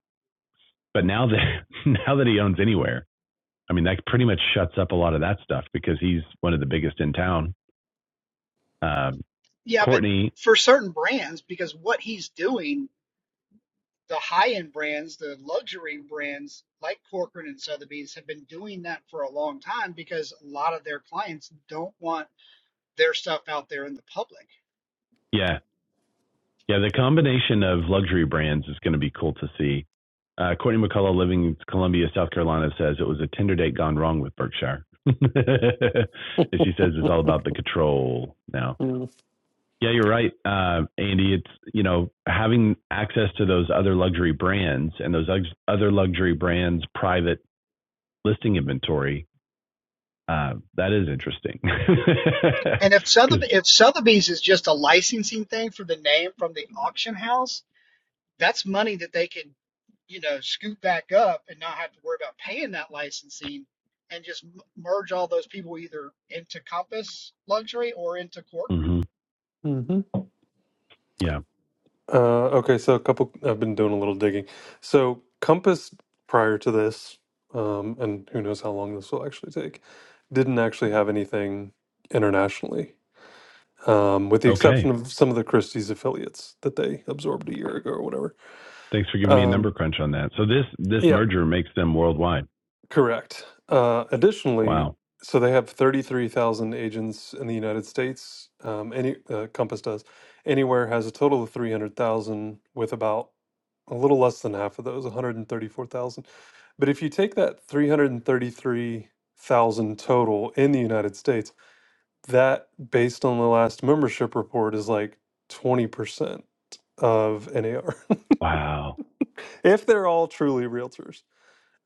Speaker 1: But now that now that he owns Anywhere, I mean, that pretty much shuts up a lot of that stuff because he's one of the biggest in town. Um,
Speaker 5: yeah, but
Speaker 1: Courtney,
Speaker 5: for certain brands, because what he's doing. the high end brands, the luxury brands like Corcoran and Sotheby's have been doing that for a long time because a lot of their clients don't want their stuff out there in the public.
Speaker 1: yeah, yeah, the combination of luxury brands is going to be cool to see. Uh, Courtney McCullough, living in Columbia, South Carolina, says it was a Tinder date gone wrong with Berkshire. and she says it's all about the control now. Yeah, you're right, uh, Andy. It's you know having access to those other luxury brands and those other luxury brands' private listing inventory Uh, that is interesting.
Speaker 5: And if Sotheby, if Sotheby's is just a licensing thing for the name from the auction house, that's money that they can, you know, scoop back up and not have to worry about paying that licensing and just merge all those people either into Compass Luxury or into Corcoran.
Speaker 1: Because,
Speaker 3: Mm-hmm.
Speaker 1: yeah.
Speaker 3: Uh, okay, so a couple, I've been doing a little digging. So Compass prior to this, um, and who knows how long this will actually take, didn't actually have anything internationally, um, with the
Speaker 1: Okay.
Speaker 3: exception of some of the Christie's affiliates that they absorbed a year ago or whatever.
Speaker 1: Thanks for giving me a number
Speaker 3: Um,
Speaker 1: crunch on that. So this this
Speaker 3: yeah.
Speaker 1: merger makes them worldwide.
Speaker 3: Correct. Uh, additionally,
Speaker 1: Wow.
Speaker 3: so they have 33,000 agents in the United States. Um, any uh, Compass does. Anywhere has a total of 300,000, with about a little less than half of those, 134,000. But if you take that 333,000 total in the United States, that, based on the last membership report, is like 20% of NAR,
Speaker 1: Wow.
Speaker 3: if they're all truly realtors.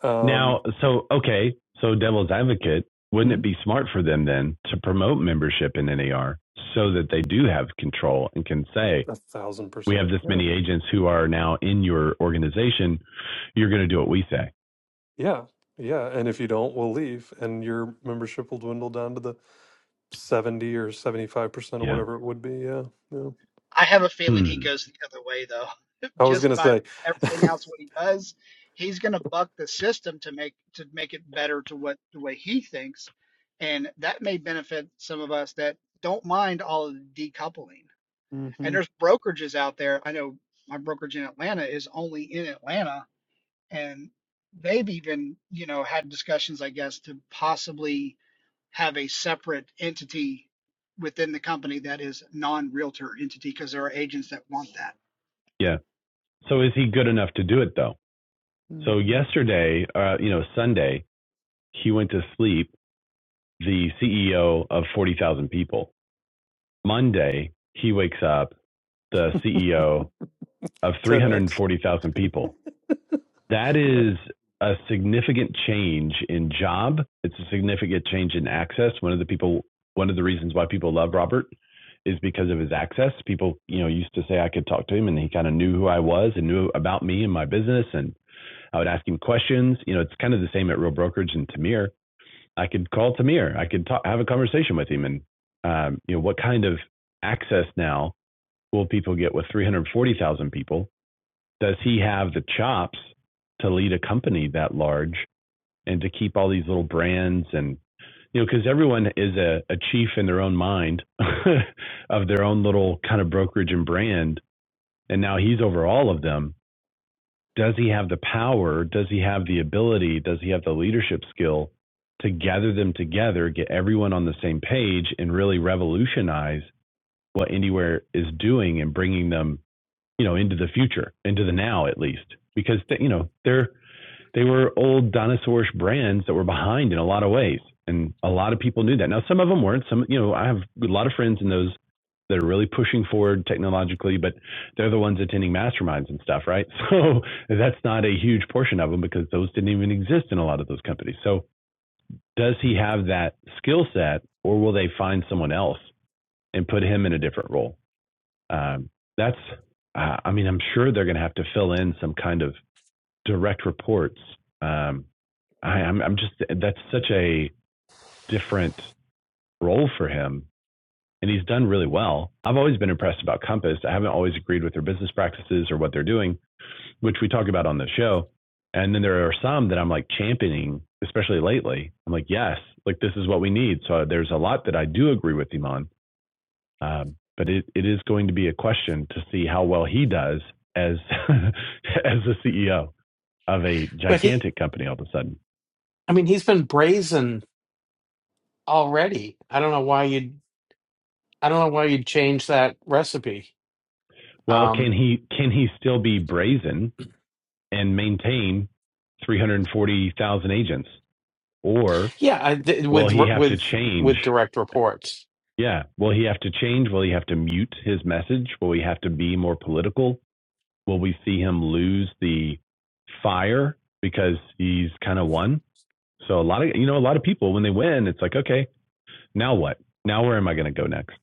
Speaker 3: Um,
Speaker 1: Now, so okay, so devil's advocate, wouldn't it
Speaker 3: mhm,
Speaker 1: be smart for them then to promote membership in NAR so that they do have control and can say,
Speaker 3: A thousand
Speaker 1: we have
Speaker 3: percent.
Speaker 1: this
Speaker 3: Yeah.
Speaker 1: many agents who are now in your organization. You're going to do what we say.
Speaker 3: Yeah. Yeah. And if you don't, we'll leave and your membership will dwindle down to the 70 or 75% or
Speaker 1: Yeah.
Speaker 3: whatever it would be. Yeah. Yeah.
Speaker 5: I have a feeling he
Speaker 1: Hmm.
Speaker 5: goes the other way, though.
Speaker 3: I was going
Speaker 5: Just
Speaker 3: to
Speaker 5: by
Speaker 3: say,
Speaker 5: everything else, what he does, he's going to buck the system to make to make it better to what the way he thinks, and that may benefit some of us that don't mind all of the decoupling.
Speaker 3: mm
Speaker 5: And
Speaker 3: Mhm,
Speaker 5: there's brokerages out there. I know my brokerage in Atlanta is only in Atlanta, and they've even you know had discussions, I guess, to possibly have a separate entity within the company that is non-realtor entity because there are agents that want that.
Speaker 1: Yeah. So is he good enough to do it though?
Speaker 3: mm
Speaker 1: So
Speaker 3: mhm.
Speaker 1: yesterday, uh, you know, Sunday, he went to sleep, the CEO of 40,000 people. Monday, he wakes up, the CEO of
Speaker 3: 10x.
Speaker 1: 340,000 people. That
Speaker 3: Yeah.
Speaker 1: is a significant change in job. It's a significant change in access. One of the people, one of the reasons why people love Robert is because of his access. People, you know, used to say I could talk to him and he kind of knew who I was and knew about me and my business and I would ask him questions. You know, it's kind of the same at Real Brokerage and Tamir. I could call Tamir. I could talk, have a conversation with him, and um, you know, what kind of access now will people get with 340,000 people? Does he have the chops to lead a company that large and to keep all these little brands and you know, because everyone is a, a chief in their own mind of their own little kind of brokerage and brand, and now he's over all of them does he have the power? Does he have the ability? Does he have the leadership skill to gather them together, get everyone on the same page, and really revolutionize what Anywhere is doing and bringing them, you know, into the future, into the now at least? Because you know they're they were old dinosaurish brands that were behind in a lot of ways. And a lot of people knew that. Now, some of them weren't. Some, you know, I have a lot of friends in those that are really pushing forward technologically, but they're the ones attending masterminds and stuff, right? So that's not a huge portion of them because those didn't even exist in a lot of those companies. So does he have that skill set or will they find someone else and put him in a different role? Um, that's, uh, I mean, I'm sure they're going to have to fill in some kind of direct reports um, I, I'm I'm just that's such a different role for him. And he's done really well. I've always been impressed about Compass. I haven't always agreed with their business practices or what they're doing, which we talk about on the show. And then there are some that I'm like championing, especially lately. I'm like, yes, like this is what we need. So there's a lot that I do agree with him on. Um, but it, it is going to be a question to see how well he does as as the CEO of a
Speaker 4: but he,
Speaker 1: gigantic company all of a sudden.
Speaker 4: I mean, he's been brazen already. I don't know why you'd. I don't know why you'd change that recipe.
Speaker 1: Well,
Speaker 4: Um,
Speaker 1: can he can he still be brazen and maintain 340,000 agents, or
Speaker 4: yeah, I, th-
Speaker 1: will
Speaker 4: with
Speaker 1: he have to
Speaker 4: with
Speaker 1: change?
Speaker 4: with direct reports.
Speaker 1: Yeah, will he have to change? Will he have to mute his message? Will he have to be more political? Will we see him lose the fire because he's kind of won? So a lot of you know a lot of people when they win, it's like okay, now what? Now where am I going to go next?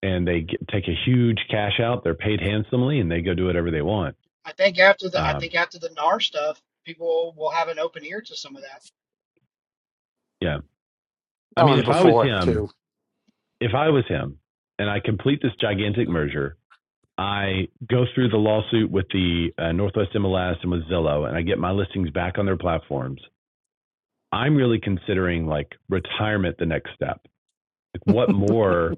Speaker 1: And they get, take a huge cash out. They're paid handsomely, and they go do whatever they want.
Speaker 5: I think after the I
Speaker 1: Um,
Speaker 5: think after the NAR stuff, people will have an open ear to some of that.
Speaker 1: yeah, I
Speaker 4: Oh,
Speaker 1: mean,
Speaker 4: and
Speaker 3: mm
Speaker 1: if I
Speaker 3: hmm
Speaker 1: was
Speaker 4: before
Speaker 1: him,
Speaker 4: too.
Speaker 1: if I was him, and I complete this gigantic merger, I go through the lawsuit with the uh, Northwest MLS and with Zillow, and I get my listings back on their platforms. I'm really considering like retirement the next step. Like, what more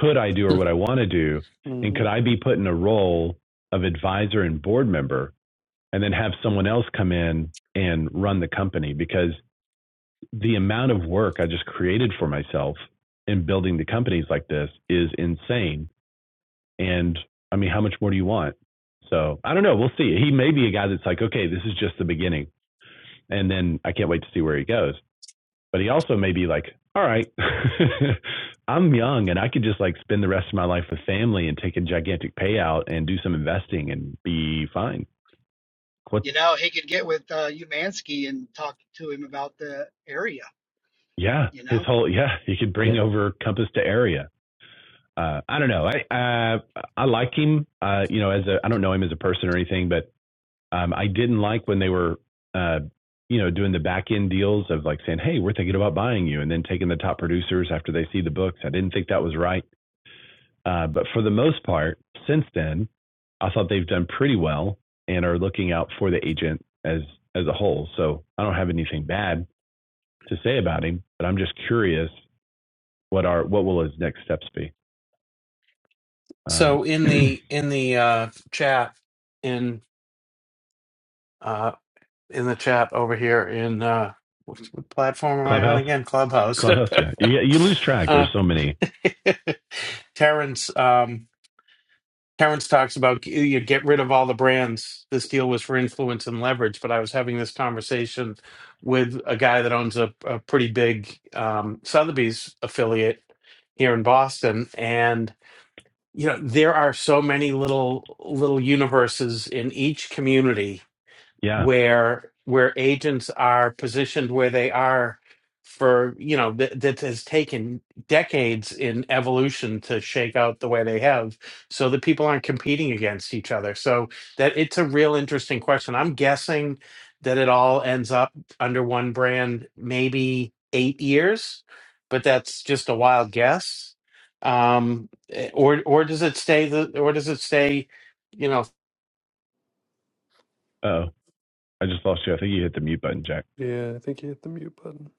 Speaker 1: could I do or what I want to do?
Speaker 3: mm
Speaker 1: And
Speaker 3: hmm
Speaker 1: could I be put in a role of advisor and board member and then have someone else come in and run the company? Because the amount of work I just created for myself in building the companies like this is insane. And I mean, how much more do you want? So I don't know. We'll see. He may be a guy that's like, okay, this is just the beginning. And then I can't wait to see where he goes. But he also may be like, all right, I'm young and I could just like spend the rest of my life with family and take a gigantic payout and do some investing and be fine. What's,
Speaker 5: You know, he could get with uh, Umansky and talk to him about the area.
Speaker 1: yeah,
Speaker 5: You
Speaker 1: his
Speaker 5: know,
Speaker 1: whole, yeah, he could bring
Speaker 4: Yeah.
Speaker 1: over Compass to area. uh, I don't know. I uh, I like him. Uh, you know, as a I don't know him as a person or anything, but um, I didn't like when they were, uh, you know, doing the back end deals of like saying, "Hey, we're thinking about buying you," and then taking the top producers after they see the books. I didn't think that was right. Uh, but for the most part, since then, I thought they've done pretty well and are looking out for the agent as as a whole. So I don't have anything bad to say about him, but I'm just curious what are what will his next steps be? Um,
Speaker 4: So in the in the uh, chat in uh, in the chat over here in uh, what, what platform am I on
Speaker 1: clubhouse.
Speaker 4: again? Clubhouse.
Speaker 1: Clubhouse, yeah. You, you lose track.
Speaker 4: uh,
Speaker 1: There's so many.
Speaker 4: Terrence. Um, Terrence talks about you get rid of all the brands. This deal was for influence and leverage, but I was having this conversation with a guy that owns a, a pretty big um, Sotheby's affiliate here in Boston, and you know there are so many little little universes in each community
Speaker 1: Yeah.
Speaker 4: where where agents are positioned where they are for you know that, that has taken decades in evolution to shake out the way they have so that people aren't competing against each other so that it's a real interesting question i'm guessing that it all ends up under one brand maybe eight years but that's just a wild guess um eh, or or does it stay the or does it stay you know
Speaker 1: Oh, I just lost you. I think you hit the mute button, Jack.
Speaker 3: Yeah. I think you hit the mute button.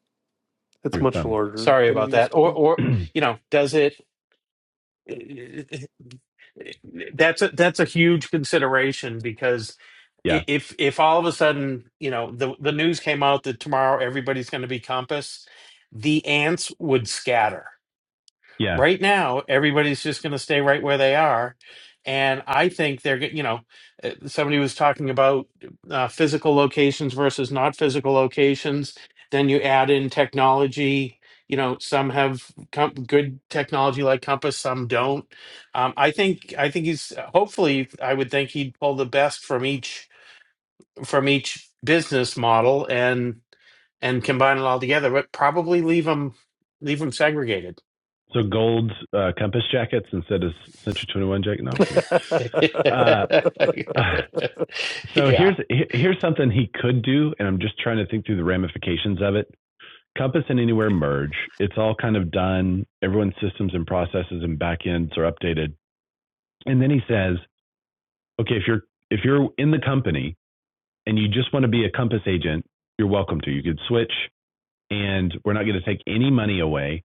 Speaker 3: It's
Speaker 1: Your
Speaker 3: much
Speaker 1: thumb.
Speaker 3: larger
Speaker 4: sorry
Speaker 3: than it
Speaker 4: about that
Speaker 3: used to
Speaker 4: or
Speaker 3: be.
Speaker 4: or you know does it that's a that's a huge consideration because i-
Speaker 1: yeah.
Speaker 4: if if all of a sudden you know the the news came out that tomorrow everybody's going to be compass the ants would scatter
Speaker 1: Yeah.
Speaker 4: right now everybody's just going to stay right where they are and i think they're get- you know uh, somebody was talking about uh, physical locations versus not physical locations then you add in technology you know some have com- good technology like compass some don't um, i think i think he's hopefully i would think he'd pull the best from each from each business model and and combine it all together but probably leave them leave them segregated
Speaker 1: So gold uh, compass jackets instead of Century 21 jacket. No, I'm kidding. Uh, uh, so
Speaker 4: yeah,
Speaker 1: here's here's something he could do, and I'm just trying to think through the ramifications of it. Compass and Anywhere merge. It's all kind of done. Everyone's systems and processes and backends are updated. And then he says, okay, if you're if you're in the company and you just want to be a Compass agent, you're welcome to. You could switch, and we're not going to take any money away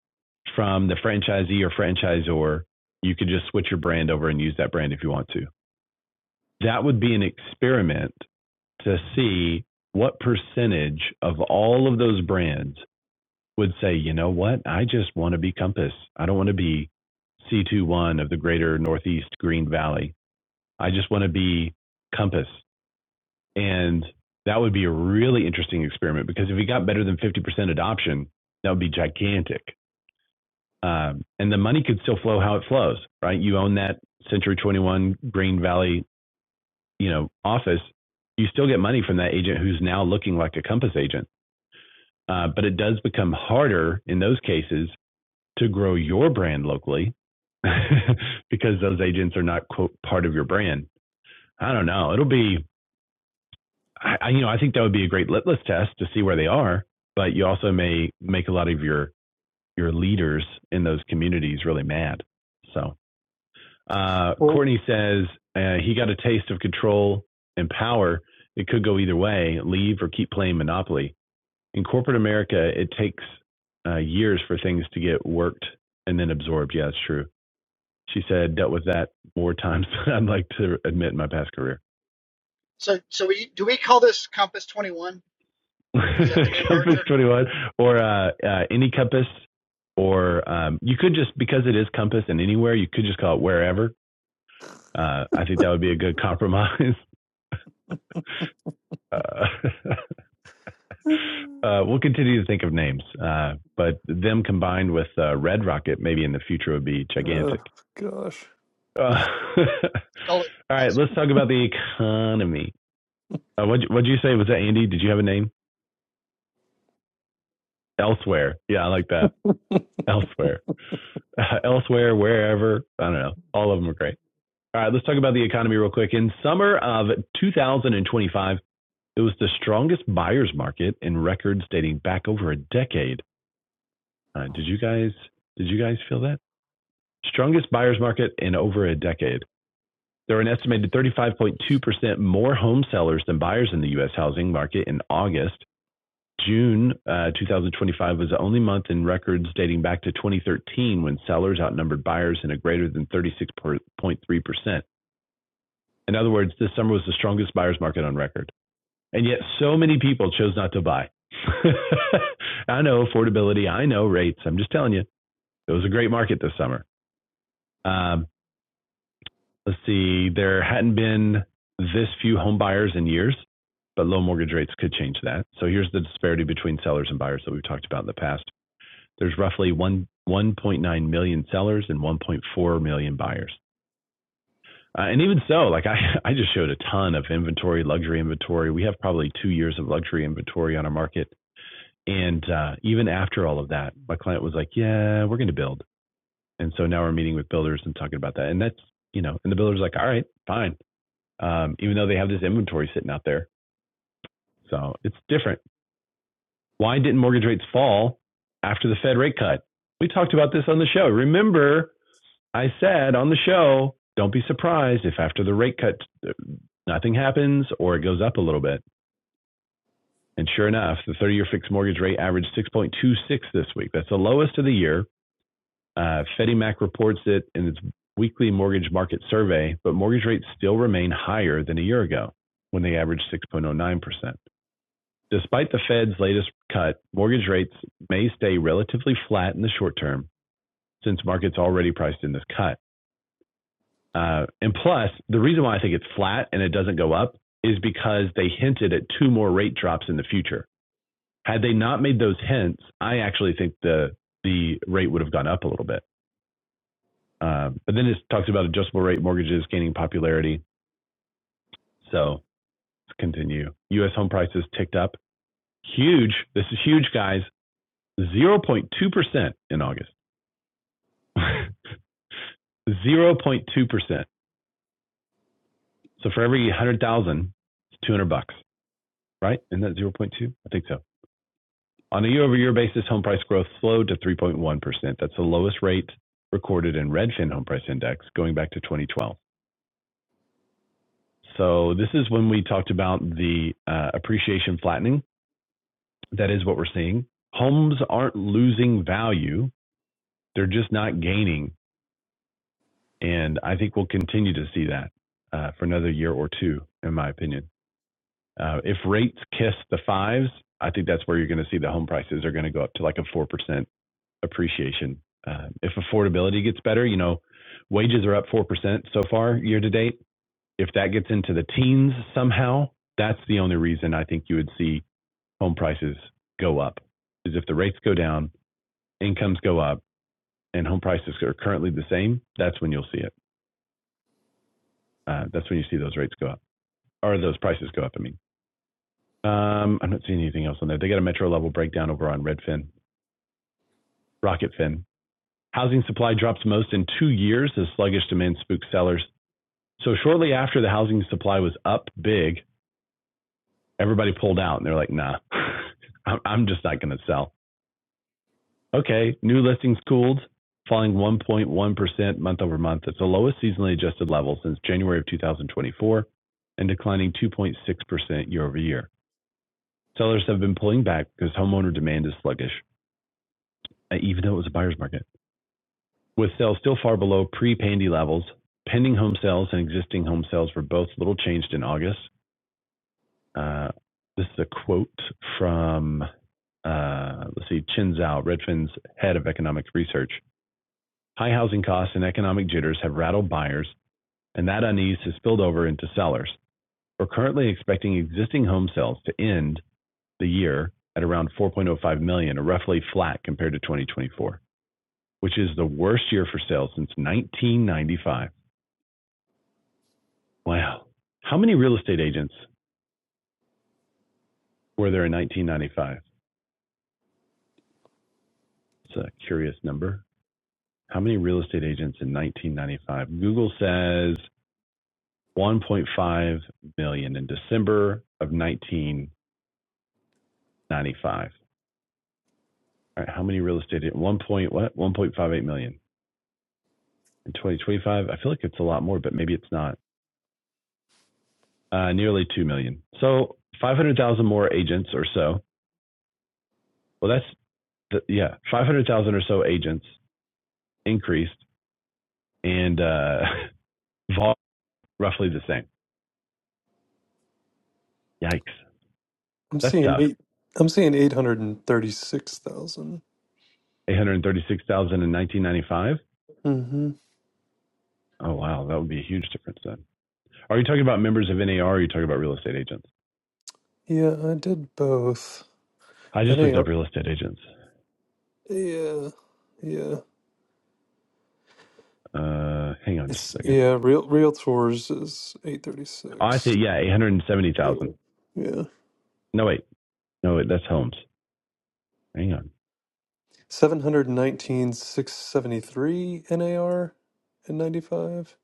Speaker 1: from the franchisee or franchisor. You could just switch your brand over and use that brand if you want to. That would be an experiment to see what percentage of all of those brands would say, you know what, I just want to be Compass. I don't want to be C21 of the greater Northeast Green Valley. I just want to be Compass. And that would be a really interesting experiment because if we got better than 50% adoption, that would be gigantic. Um, and the money could still flow how it flows, right? You own that Century 21 Green Valley, you know, office. You still get money from that agent who's now looking like a Compass agent. Uh, but it does become harder in those cases to grow your brand locally because those agents are not quote part of your brand. I don't know. It'll be I, I, you know, I think that would be a great litmus test to see where they are. But you also may make a lot of your your leaders in those communities really mad. So uh,
Speaker 3: well,
Speaker 1: Courtney says uh, he got a taste of control and power. It could go either way: leave or keep playing Monopoly. In corporate America, it takes uh, years for things to get worked and then absorbed. Yeah, it's true. She said dealt with that more times than I'd like to admit in my past career.
Speaker 5: so so we do we call this Compass Twenty One? Is that the new
Speaker 1: compass
Speaker 5: merger?
Speaker 1: 21 or uh, uh, any compass or um, you could just because it is compass and anywhere you could just call it wherever uh, i think that would be a good compromise uh, uh, we'll continue to think of names uh, but them combined with uh, red rocket maybe in the future would be
Speaker 3: Oh
Speaker 1: gigantic
Speaker 3: gosh,
Speaker 1: uh, all
Speaker 5: Call it.
Speaker 1: right let's talk about the economy uh, what what'd you say was that andy did you have a name elsewhere yeah i like that elsewhere uh, elsewhere, wherever. I don't know. All of them are great. All right, let's talk about the economy real quick. In summer of 2025, it was the strongest buyer's market in records dating back over a decade. Uh, did you guys did you guys feel that? Strongest buyer's market in over a decade. There were an estimated 35.2% more home sellers than buyers in the U.S. housing market in August, June uh, 2025 was the only month in records dating back to 2013 when sellers outnumbered buyers in a greater than 36.3%. In other words, this summer was the strongest buyer's market on record. And yet, so many people chose not to buy. I know affordability, I know rates. I'm just telling you, it was a great market this summer. Um, let's see, there hadn't been this few home buyers in years, but low mortgage rates could change that. So here's the disparity between sellers and buyers that we've talked about in the past. There's roughly one 1.9 million sellers and 1.4 million buyers. Uh, and even so, like I, I just showed a ton of inventory, luxury inventory. We have probably two years of luxury inventory on our market. And uh, even after all of that, my client was like, yeah, we're going to build. And so now we're meeting with builders and talking about that. And that's, you know, and the builder's like, all right, fine. Um, even though they have this inventory sitting out there. So it's different. Why didn't mortgage rates fall after the Fed rate cut? We talked about this on the show. Remember, I said on the show, don't be surprised if after the rate cut, uh, nothing happens or it goes up a little bit. And sure enough, the 30 year fixed mortgage rate averaged 6.26 this week. That's the lowest of the year. Uh, Freddie Mac reports it in its weekly mortgage market survey, but mortgage rates still remain higher than a year ago when they averaged 6.09%. Despite the Fed's latest cut, mortgage rates may stay relatively flat in the short term since markets already priced in this cut. Uh, and plus, the reason why I think it's flat and it doesn't go up is because they hinted at two more rate drops in the future. Had they not made those hints, I actually think the the rate would have gone up a little bit. Um, but then it talks about adjustable rate mortgages gaining popularity. So let's continue. U.S. home prices ticked up. Huge. This is huge, guys. 0.2% in August. 0.2%. So for every 100,000, it's 200 bucks, right? Isn't that 0.2? I think so. On a year-over-year basis, home price growth slowed to 3.1%. That's the lowest rate recorded in Redfin Home Price Index going back to 2012. So this is when we talked about the uh, appreciation flattening. That is what we're seeing. Homes aren't losing value; they're just not gaining, and I think we'll continue to see that uh, for another year or two, in my opinion. Uh, if rates kiss the fives, I think that's where you're going to see the home prices are going to go up to like a 4% appreciation. Uh, if affordability gets better, you know, wages are up 4% so far year to date. If that gets into the teens somehow, that's the only reason I think you would see home prices go up is if the rates go down, incomes go up, and home prices are currently the same, that's when you'll see it. Uh, that's when you see those rates go up or those prices go up. I mean, um, I'm not seeing anything else on there. They got a metro level breakdown over on Redfin, Rocketfin. Housing supply drops most in two years as sluggish demand spooks sellers. So shortly after the housing supply was up big, everybody pulled out and they're like, nah, I'm- just not going to sell. Okay, new listings cooled, falling 1.1% month over month. It's the lowest seasonally adjusted level since January of 2024 and declining 2.6% year over year. Sellers have been pulling back because homeowner demand is sluggish, uh, even though it was a buyer's market. With sales still far below pre-pandy levels, pending home sales and existing home sales were both little changed in August, Uh, this is a quote from, uh, let's see, Chin Zhao, Redfin's head of economic research. High housing costs and economic jitters have rattled buyers, and that unease has spilled over into sellers. We're currently expecting existing home sales to end the year at around 4.05 million, or roughly flat compared to 2024, which is the worst year for sales since 1995. Wow. How many real estate agents were there in 1995? It's a curious number. How many real estate agents in 1995? Google says 1.5 million in December of 1995. All right, how many real estate? a- One point what? 1.58 million in 2025. I feel like it's a lot more, but maybe it's not. Uh, nearly 2 million. So 500,000 more agents or so. Well, that's the, yeah, 500,000 or so agents increased, and uh, roughly the same. Yikes,
Speaker 3: I'm
Speaker 1: that's
Speaker 3: seeing
Speaker 1: tough.
Speaker 3: eight. I'm seeing eight hundred and thirty-six thousand.
Speaker 1: 836,000 in 1995
Speaker 3: Mm-hmm.
Speaker 1: Oh wow, that would be a huge difference then. Are you talking about members of NAR? Or are you talking about real estate agents?
Speaker 3: Yeah, I did both.
Speaker 1: I
Speaker 3: And
Speaker 1: just
Speaker 3: hey,
Speaker 1: looked up real estate agents.
Speaker 3: yeah, yeah.
Speaker 1: Uh, hang on just
Speaker 3: It's
Speaker 1: a second.
Speaker 3: yeah. Real Real Tours is eight
Speaker 1: Oh, I see.
Speaker 3: thirty-six.
Speaker 1: Yeah, eight hundred and seventy thousand.
Speaker 3: Yeah, yeah.
Speaker 1: No wait, no wait, that's homes. Hang on.
Speaker 3: Seven hundred nineteen six seventy-three NAR and ninety-five.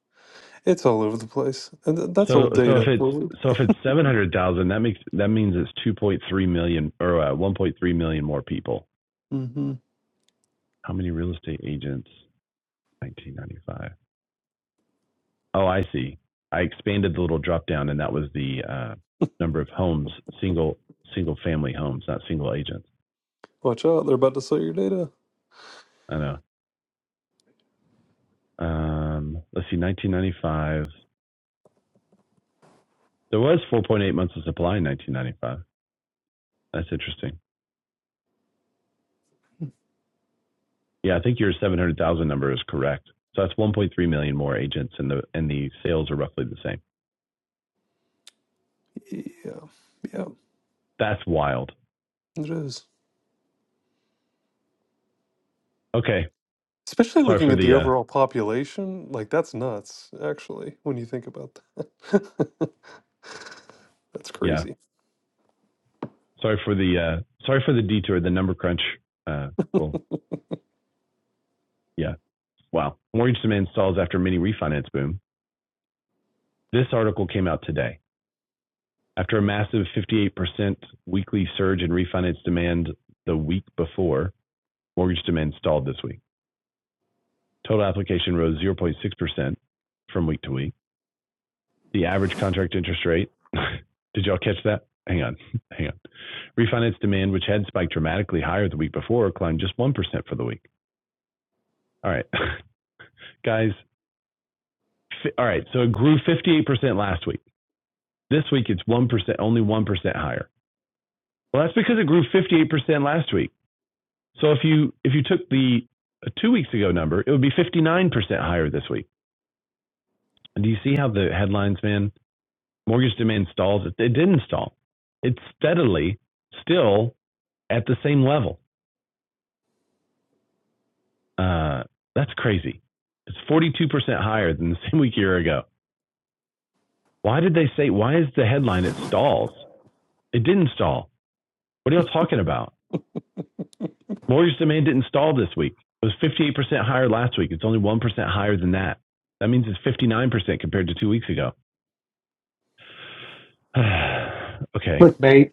Speaker 3: It's all over the place, and th- that's
Speaker 1: So
Speaker 3: old
Speaker 1: so if
Speaker 3: data.
Speaker 1: it's so if it's seven hundred thousand, that makes that means it's two point three million or uh, one point three million more people.
Speaker 3: Mm-hmm.
Speaker 1: How many real estate agents? Nineteen ninety five. Oh, I see. I expanded the little drop down, and that was the uh, number of homes, single single family homes, not single agents.
Speaker 3: Watch out! They're about to sell your data.
Speaker 1: I know. Um, let's see, 1995. There was 4.8 months of supply in 1995. That's interesting. Yeah, I think your 700,000 number is correct. So that's 1.3 million more agents, and the and the sales are roughly the same.
Speaker 3: Yeah, yeah.
Speaker 1: That's wild.
Speaker 3: It is.
Speaker 1: Okay,
Speaker 3: Especially
Speaker 1: sorry
Speaker 3: looking
Speaker 1: for
Speaker 3: at
Speaker 1: the
Speaker 3: the
Speaker 1: uh,
Speaker 3: overall population, like that's nuts, actually, when you think about that. That's
Speaker 1: yeah,
Speaker 3: crazy.
Speaker 1: sorry for the uh, sorry for the detour, the number crunch. Uh, well, yeah, wow. Mortgage demand stalls after mini refinance boom. This article came out today. After a massive 58% weekly surge in refinance demand the week before, mortgage demand stalled this week. Total application rose 0.6% from week to week. The average contract interest rate, did y'all catch that? Hang on, hang on. Refinance demand, which had spiked dramatically higher the week before, climbed just 1% for the week. All right, guys. Fi- all right, so it grew 58% last week. This week it's 1%, only 1% higher. Well, that's because it grew 58% last week. So if you if you took the uh, two weeks ago number, it would be 59% higher this week. And do you see how the headlines, man? Mortgage demand stalls. It, it didn't stall. It's steadily still at the same level. Uh, that's crazy. It's 42% higher than the same week a year ago. Why did they say? Why is the headline it stalls? It didn't stall. What are y'all talking about? Mortgage demand didn't stall this week. It was 58% higher last week. It's only 1% higher than that. That means it's 59% compared to two weeks ago. okay.
Speaker 5: Clickbait.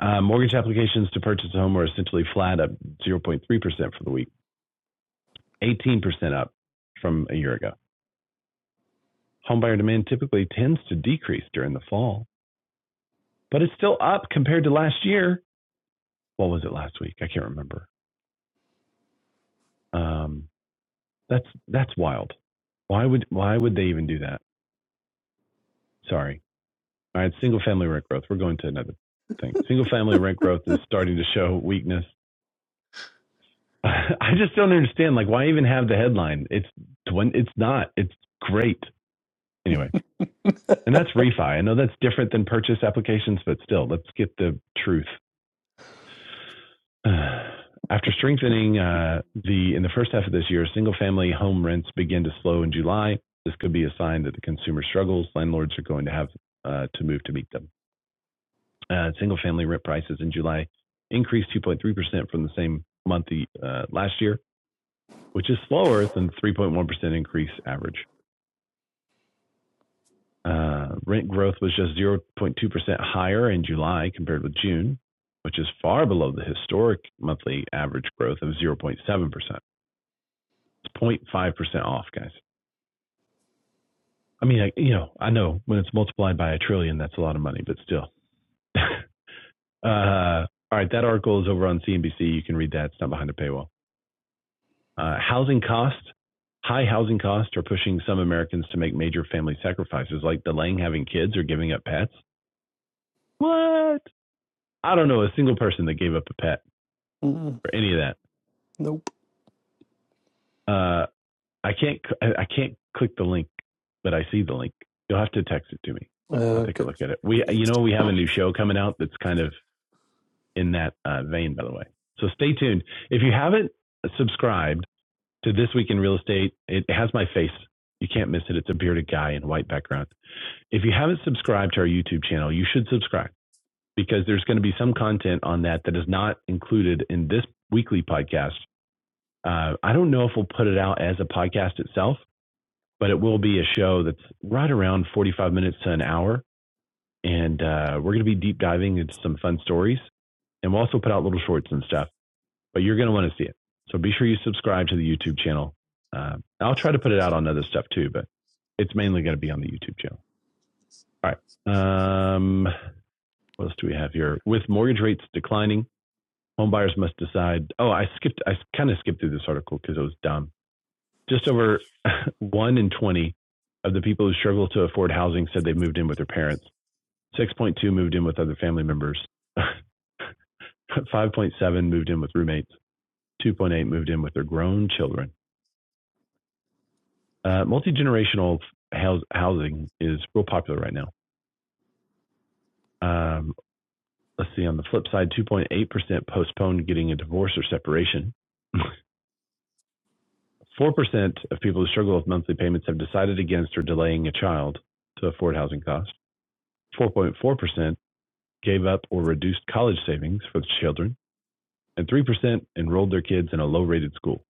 Speaker 1: Uh, mortgage applications to purchase a home were essentially flat, up 0.3% for the week, 18% up from a year ago. Homebuyer demand typically tends to decrease during the fall, but it's still up compared to last year. What was it last week? I can't remember. Um, that's that's wild. Why would why would they even do that? Sorry. All right, single family rent growth. We're going to another thing. Single family rent growth is starting to show weakness I just don't understand. Like, why even have the headline? It's it's not. It's great anyway. And that's refi. I know that's different than purchase applications, but still, let's get the truth. After strengthening uh, the in the first half of this year, single-family home rents begin to slow in July. This could be a sign that the consumer struggles. Landlords are going to have uh, to move to meet them. Uh, single-family rent prices in July increased 2.3 percent from the same month uh, last year which is slower than 3.1% increase average. Uh, rent growth was just 0.2% higher in July compared with June, which is far below the historic monthly average growth of 0.7%. It's 0.5% off, guys. I mean, I, you know, I know when it's multiplied by a trillion, that's a lot of money, but still. uh, all right, that article is over on CNBC. You can read that. It's not behind a paywall. Uh, housing costs, high housing costs are pushing some Americans to make major family sacrifices like delaying having kids or giving up pets. What? I don't know a single person that gave up a pet
Speaker 3: Mm,
Speaker 1: or any of that.
Speaker 3: nope.
Speaker 1: Uh, I can't I can't click the link, but I see the link. You'll have to text it to me.
Speaker 3: Uh,
Speaker 1: I'll take a
Speaker 3: Okay,
Speaker 1: look at it. We you know we have a new show coming out that's kind of in that uh, vein, by the way. So stay tuned. If you haven't subscribed to This Week in Real Estate, it has my face. You can't miss it. It's a bearded guy in a white background. If you haven't subscribed to our YouTube channel, you should subscribe because there's going to be some content on that that is not included in this weekly podcast. Uh, I don't know if we'll put it out as a podcast itself, but it will be a show that's right around 45 minutes to an hour. And uh, we're going to be deep diving into some fun stories. And we'll also put out little shorts and stuff, but you're going to want to see it. So be sure you subscribe to the YouTube channel. Uh, I'll try to put it out on other stuff too, but it's mainly going to be on the YouTube channel. All right. Um, what else do we have here? With mortgage rates declining, home buyers must decide. Oh, I skipped. I kind of skipped through this article because it was dumb. Just over one in twenty of the people who struggle to afford housing said they moved in with their parents. Six point two moved in with other family members. Five point seven moved in with roommates. Two point eight moved in with their grown children. Uh, Multi generational house, housing is real popular right now. Um, let's see. On the flip side, two point eight percent postponed getting a divorce or separation. 4% of people who struggle with monthly payments have decided against or delaying a child to afford housing costs. 4.4% gave up or reduced college savings for the children. And 3% enrolled their kids in a low rated school.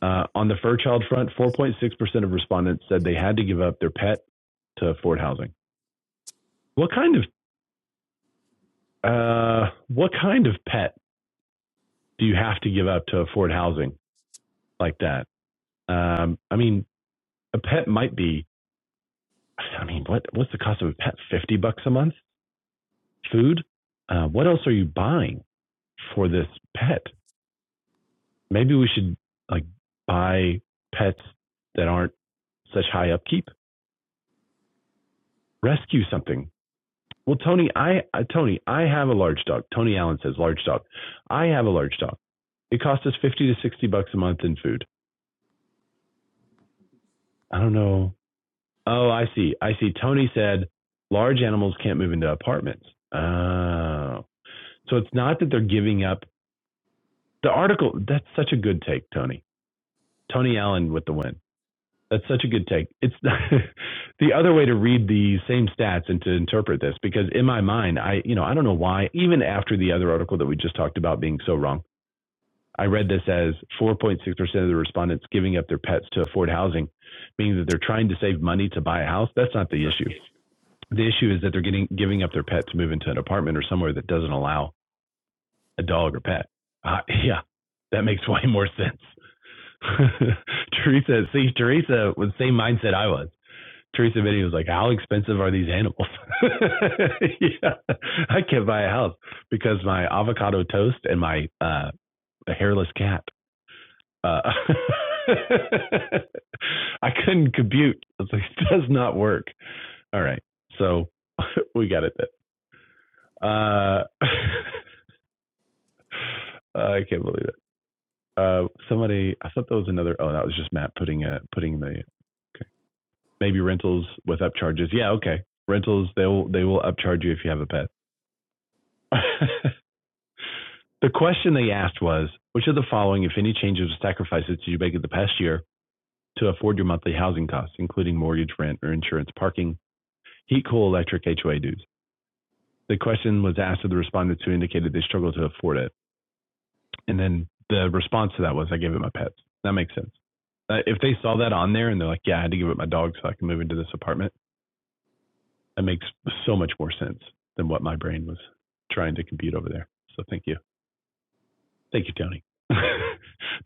Speaker 1: Uh, on the fur child front, 4.6% of respondents said they had to give up their pet to afford housing. What kind of uh, what kind of pet do you have to give up to afford housing like that? Um, I mean, a pet might be. I mean, what what's the cost of a pet? Fifty bucks a month? food. Uh, what else are you buying for this pet? Maybe we should like buy pets that aren't such high upkeep. Rescue something. Well, Tony, I uh, Tony, I have a large dog. Tony Allen says large dog. I have a large dog. It costs us fifty to sixty bucks a month in food. I don't know. Oh, I see. I see. Tony said large animals can't move into apartments. Oh, so it's not that they're giving up the article. That's such a good take, Tony. Tony Allen with the win. That's such a good take. It's the other way to read the same stats and to interpret this because in my mind, I you know I don't know why even after the other article that we just talked about being so wrong, I read this as 4.6% of the respondents giving up their pets to afford housing, meaning that they're trying to save money to buy a house. That's not the issue. The issue is that they're getting giving up their pet to move into an apartment or somewhere that doesn't allow a dog or pet. Uh, yeah, that makes way more sense. Teresa, see, Teresa was the same mindset I was. Teresa Biddy was like, "How expensive are these animals?" yeah, I can't buy a house because my avocado toast and my uh, hairless cat. Uh, I couldn't compute. I was like, it does not work. All right, so we got it. Then. Uh, I can't believe it. Uh, somebody, I thought that was another. Oh, that was just Matt putting a putting the maybe rentals with upcharges. Yeah, okay. Rentals they will they will upcharge you if you have a pet. the question they asked was, which of the following, if any, changes or sacrifices did you make in the past year to afford your monthly housing costs, including mortgage, rent, or insurance, parking, heat, cool, electric, HOA dues? The question was asked of the respondents who indicated they struggled to afford it, and then the response to that was, "I gave it my pets." That makes sense. Uh, if they saw that on there and they're like, "Yeah, I had to give it my dog so I can move into this apartment," that makes so much more sense than what my brain was trying to compute over there. So thank you. Thank you, Tony.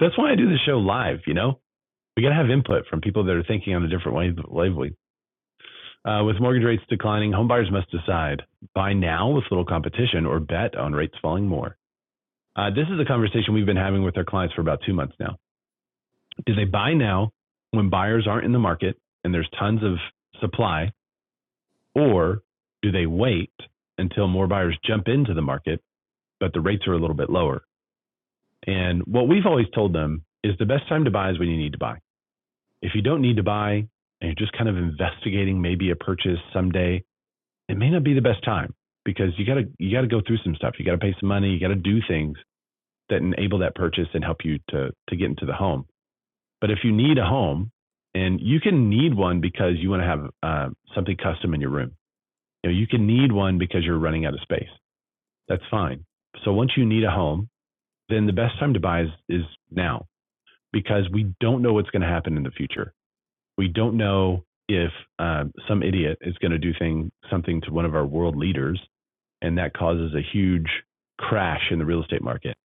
Speaker 1: That's why I do the show live, you know? We got to have input from people that are thinking on a different wave, wavelength. Uh, with mortgage rates declining, homebuyers must decide buy now with little competition or bet on rates falling more. Uh, this is a conversation we've been having with our clients for about two months now. Do they buy now when buyers aren't in the market and there's tons of supply, or do they wait until more buyers jump into the market but the rates are a little bit lower. And what we've always told them is the best time to buy is when you need to buy. If you don't need to buy and you're just kind of investigating maybe a purchase someday, it may not be the best time because you got to you got to go through some stuff. You got to pay some money, you got to do things that enable that purchase and help you to to get into the home. But if you need a home and you can need one because you want to have uh, something custom in your room. You know, you can need one because you're running out of space. That's fine. So once you need a home, then the best time to buy is, is now because we don't know what's going to happen in the future. We don't know if uh, some idiot is going to do thing, something to one of our world leaders, and that causes a huge crash in the real estate market.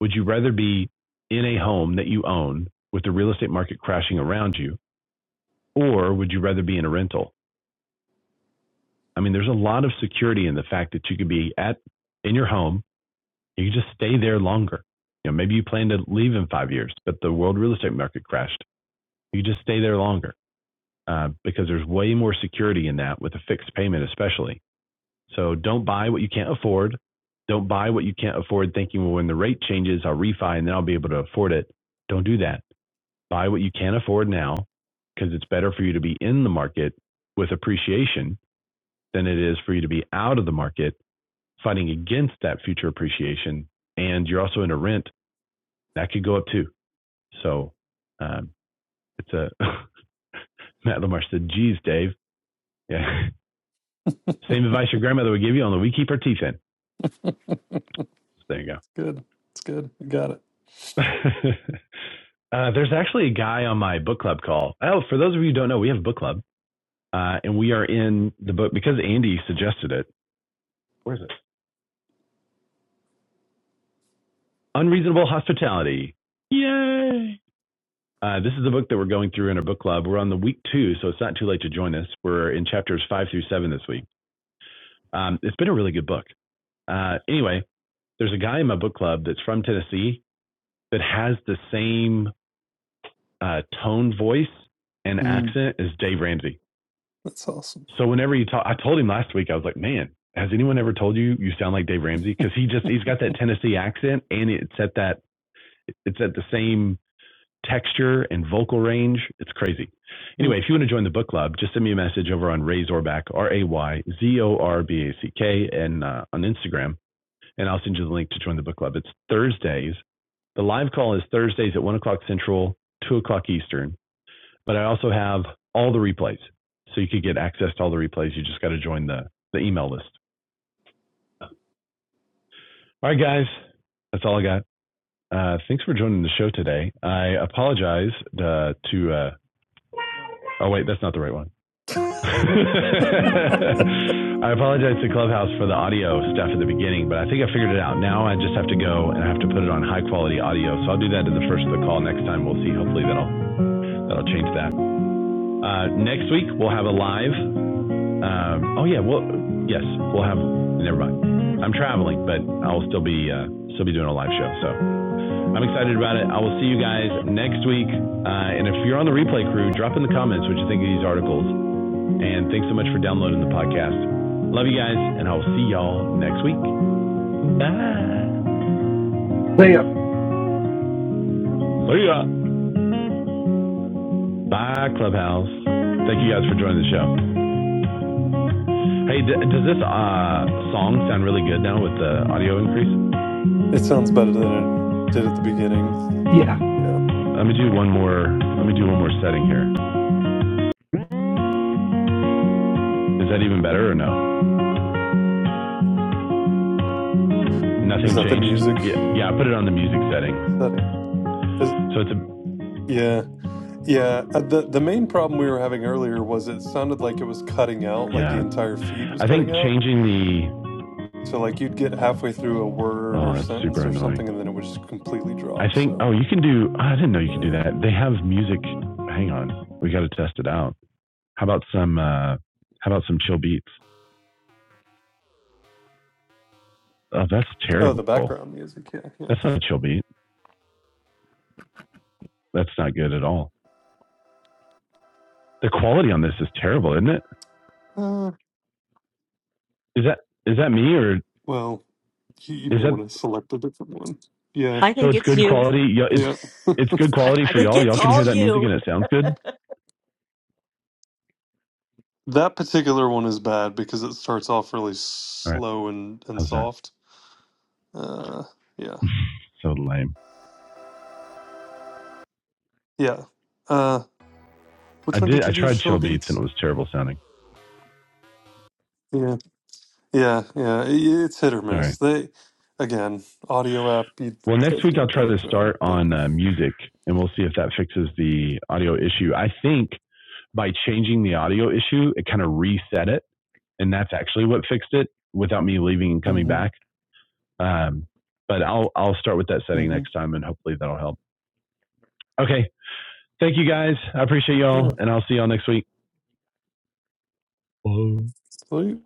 Speaker 1: Would you rather be in a home that you own with the real estate market crashing around you, or would you rather be in a rental? I mean, there's a lot of security in the fact that you could be at in your home You just stay there longer. You know, maybe you plan to leave in five years, but the world real estate market crashed. You just stay there longer uh, because there's way more security in that with a fixed payment, especially. So don't buy what you can't afford. Don't buy what you can't afford thinking, well, when the rate changes, I'll refi and then I'll be able to afford it. Don't do that. Buy what you can afford now because it's better for you to be in the market with appreciation than it is for you to be out of the market fighting against that future appreciation. And you're also in a rent that could go up too. So um, it's a Matt Lamar said, "Geez, Dave, yeah, same advice your grandmother would give you, only we keep our teeth in." So there you go.
Speaker 3: good. It's good. You got it.
Speaker 1: uh, there's actually a guy on my book club call. Oh, for those of you who don't know, we have a book club, uh, and we are in the book because Andy suggested it. Where is it? Unreasonable Hospitality. Yay! Uh, this is the book that we're going through in our book club. We're on the week two, so it's not too late to join us. We're in chapters five through seven this week. Um, it's been a really good book. Uh, anyway, there's a guy in my book club that's from Tennessee that has the same uh, tone, voice, and
Speaker 3: Mm,
Speaker 1: accent as Dave Ramsey.
Speaker 3: that's awesome.
Speaker 1: So whenever you talk, I told him last week, I was like, man, has anyone ever told you you sound like Dave Ramsey? Because he just he's got that Tennessee accent, and it's at that it's at the same texture and vocal range. It's crazy. Anyway,
Speaker 3: Mm.
Speaker 1: if you want to join the book club, just send me a message over on Ray Zorback, R A Y Z O R B A C K, and uh, on Instagram. and I'll send you the link to join the book club. It's Thursdays. The live call is Thursdays at one o'clock Central, two o'clock Eastern. But I also have all the replays, so you could get access to all the replays. You just got to join the the email list. All right, guys, that's all I got. Uh, thanks for joining the show today. I apologize uh, to. Uh, oh wait, that's not the right one. I apologize to Clubhouse for the audio stuff at the beginning, but I think I figured it out. Now I just have to go and I have to put it on high quality audio. So I'll do that at the first of the call next time. We'll see. Hopefully that'll that'll change that. Uh, next week we'll have a live. Um, oh yeah, well yes, we'll have. Never mind. I'm traveling, but I'll still be uh, still be doing a live show. So I'm excited about it. I will see you guys next week. Uh, and if you're on the replay crew, drop in the comments what you think of these articles. And thanks so much for downloading the podcast. Love you guys, and I will see y'all next week. Bye.
Speaker 5: They,
Speaker 1: See ya. Bye, Clubhouse. Thank you guys for joining the show. Hey, d- does this uh, song sound really good now with the audio increase?
Speaker 3: It sounds better than it did at the beginning.
Speaker 5: yeah.
Speaker 3: Yeah.
Speaker 1: Let me do one more. Let me do one more setting here. Is that even better or no?
Speaker 3: Is
Speaker 1: Nothing
Speaker 3: that the
Speaker 1: changed.
Speaker 3: music
Speaker 1: Yeah, yeah. I put it on the music setting,
Speaker 3: setting? Is
Speaker 1: so it's a
Speaker 3: yeah, yeah. Uh, the The main problem we were having earlier was it sounded like it was cutting out, like the
Speaker 1: Yeah.
Speaker 3: entire feed was
Speaker 1: I think
Speaker 3: cutting out.
Speaker 1: changing the.
Speaker 3: So like you'd get halfway through a word or
Speaker 1: Oh, that's super
Speaker 3: sentence or
Speaker 1: annoying.
Speaker 3: something, and then it would just completely
Speaker 1: I
Speaker 3: drop.
Speaker 1: think.
Speaker 3: So
Speaker 1: Oh, you can do. oh, I didn't know you
Speaker 3: yeah.
Speaker 1: could do that. They have music. Hang on. We got to test it out. How about some. Uh, how about some chill beats? Oh, that's
Speaker 3: Oh,
Speaker 1: terrible.
Speaker 3: the
Speaker 1: That's
Speaker 3: background music. Yeah, yeah.
Speaker 1: not a chill beat. That's not good at all. The quality on this is terrible, isn't it?
Speaker 3: Uh,
Speaker 1: Is that is that me or
Speaker 3: well, you, you
Speaker 1: is
Speaker 3: may
Speaker 1: that
Speaker 3: want to select a different one. Yeah,
Speaker 6: I
Speaker 1: so?
Speaker 6: think
Speaker 1: It's
Speaker 6: it's
Speaker 1: good
Speaker 6: you.
Speaker 1: quality. Yeah, it's
Speaker 3: yeah.
Speaker 1: it's good
Speaker 6: I
Speaker 1: quality for
Speaker 6: think
Speaker 1: y'all.
Speaker 6: it's
Speaker 1: Y'all can
Speaker 6: all
Speaker 1: hear that music
Speaker 6: you.
Speaker 1: and it sounds good.
Speaker 3: that particular one is bad because it starts off really
Speaker 1: All right,
Speaker 3: slow and and
Speaker 1: how's that?
Speaker 3: soft. Uh, yeah,
Speaker 1: So lame.
Speaker 3: yeah. Uh,
Speaker 1: I
Speaker 3: which one
Speaker 1: did.
Speaker 3: did
Speaker 1: I
Speaker 3: you do?
Speaker 1: tried
Speaker 3: Chill
Speaker 1: chill beats and it
Speaker 3: beats.
Speaker 1: was terrible sounding.
Speaker 3: Yeah, yeah, yeah. i- it's hit or
Speaker 1: All right.
Speaker 3: miss. They, again, audio app. You'd
Speaker 1: Well, next
Speaker 3: they'd
Speaker 1: week
Speaker 3: do
Speaker 1: I'll
Speaker 3: a
Speaker 1: try
Speaker 3: better
Speaker 1: to
Speaker 3: job,
Speaker 1: start
Speaker 3: but.
Speaker 1: on uh, music, and we'll see if that fixes the audio issue. I think by changing the audio issue, it kind of reset it, and that's actually what fixed it without me leaving and coming
Speaker 3: Mm-hmm.
Speaker 1: back. Um, but I'll I'll start with that setting
Speaker 3: Mm-hmm.
Speaker 1: next time, and hopefully that'll help. Okay, thank you guys. I appreciate y'all,
Speaker 3: Yeah.
Speaker 1: and I'll see y'all next week. Bye.
Speaker 3: Sweet.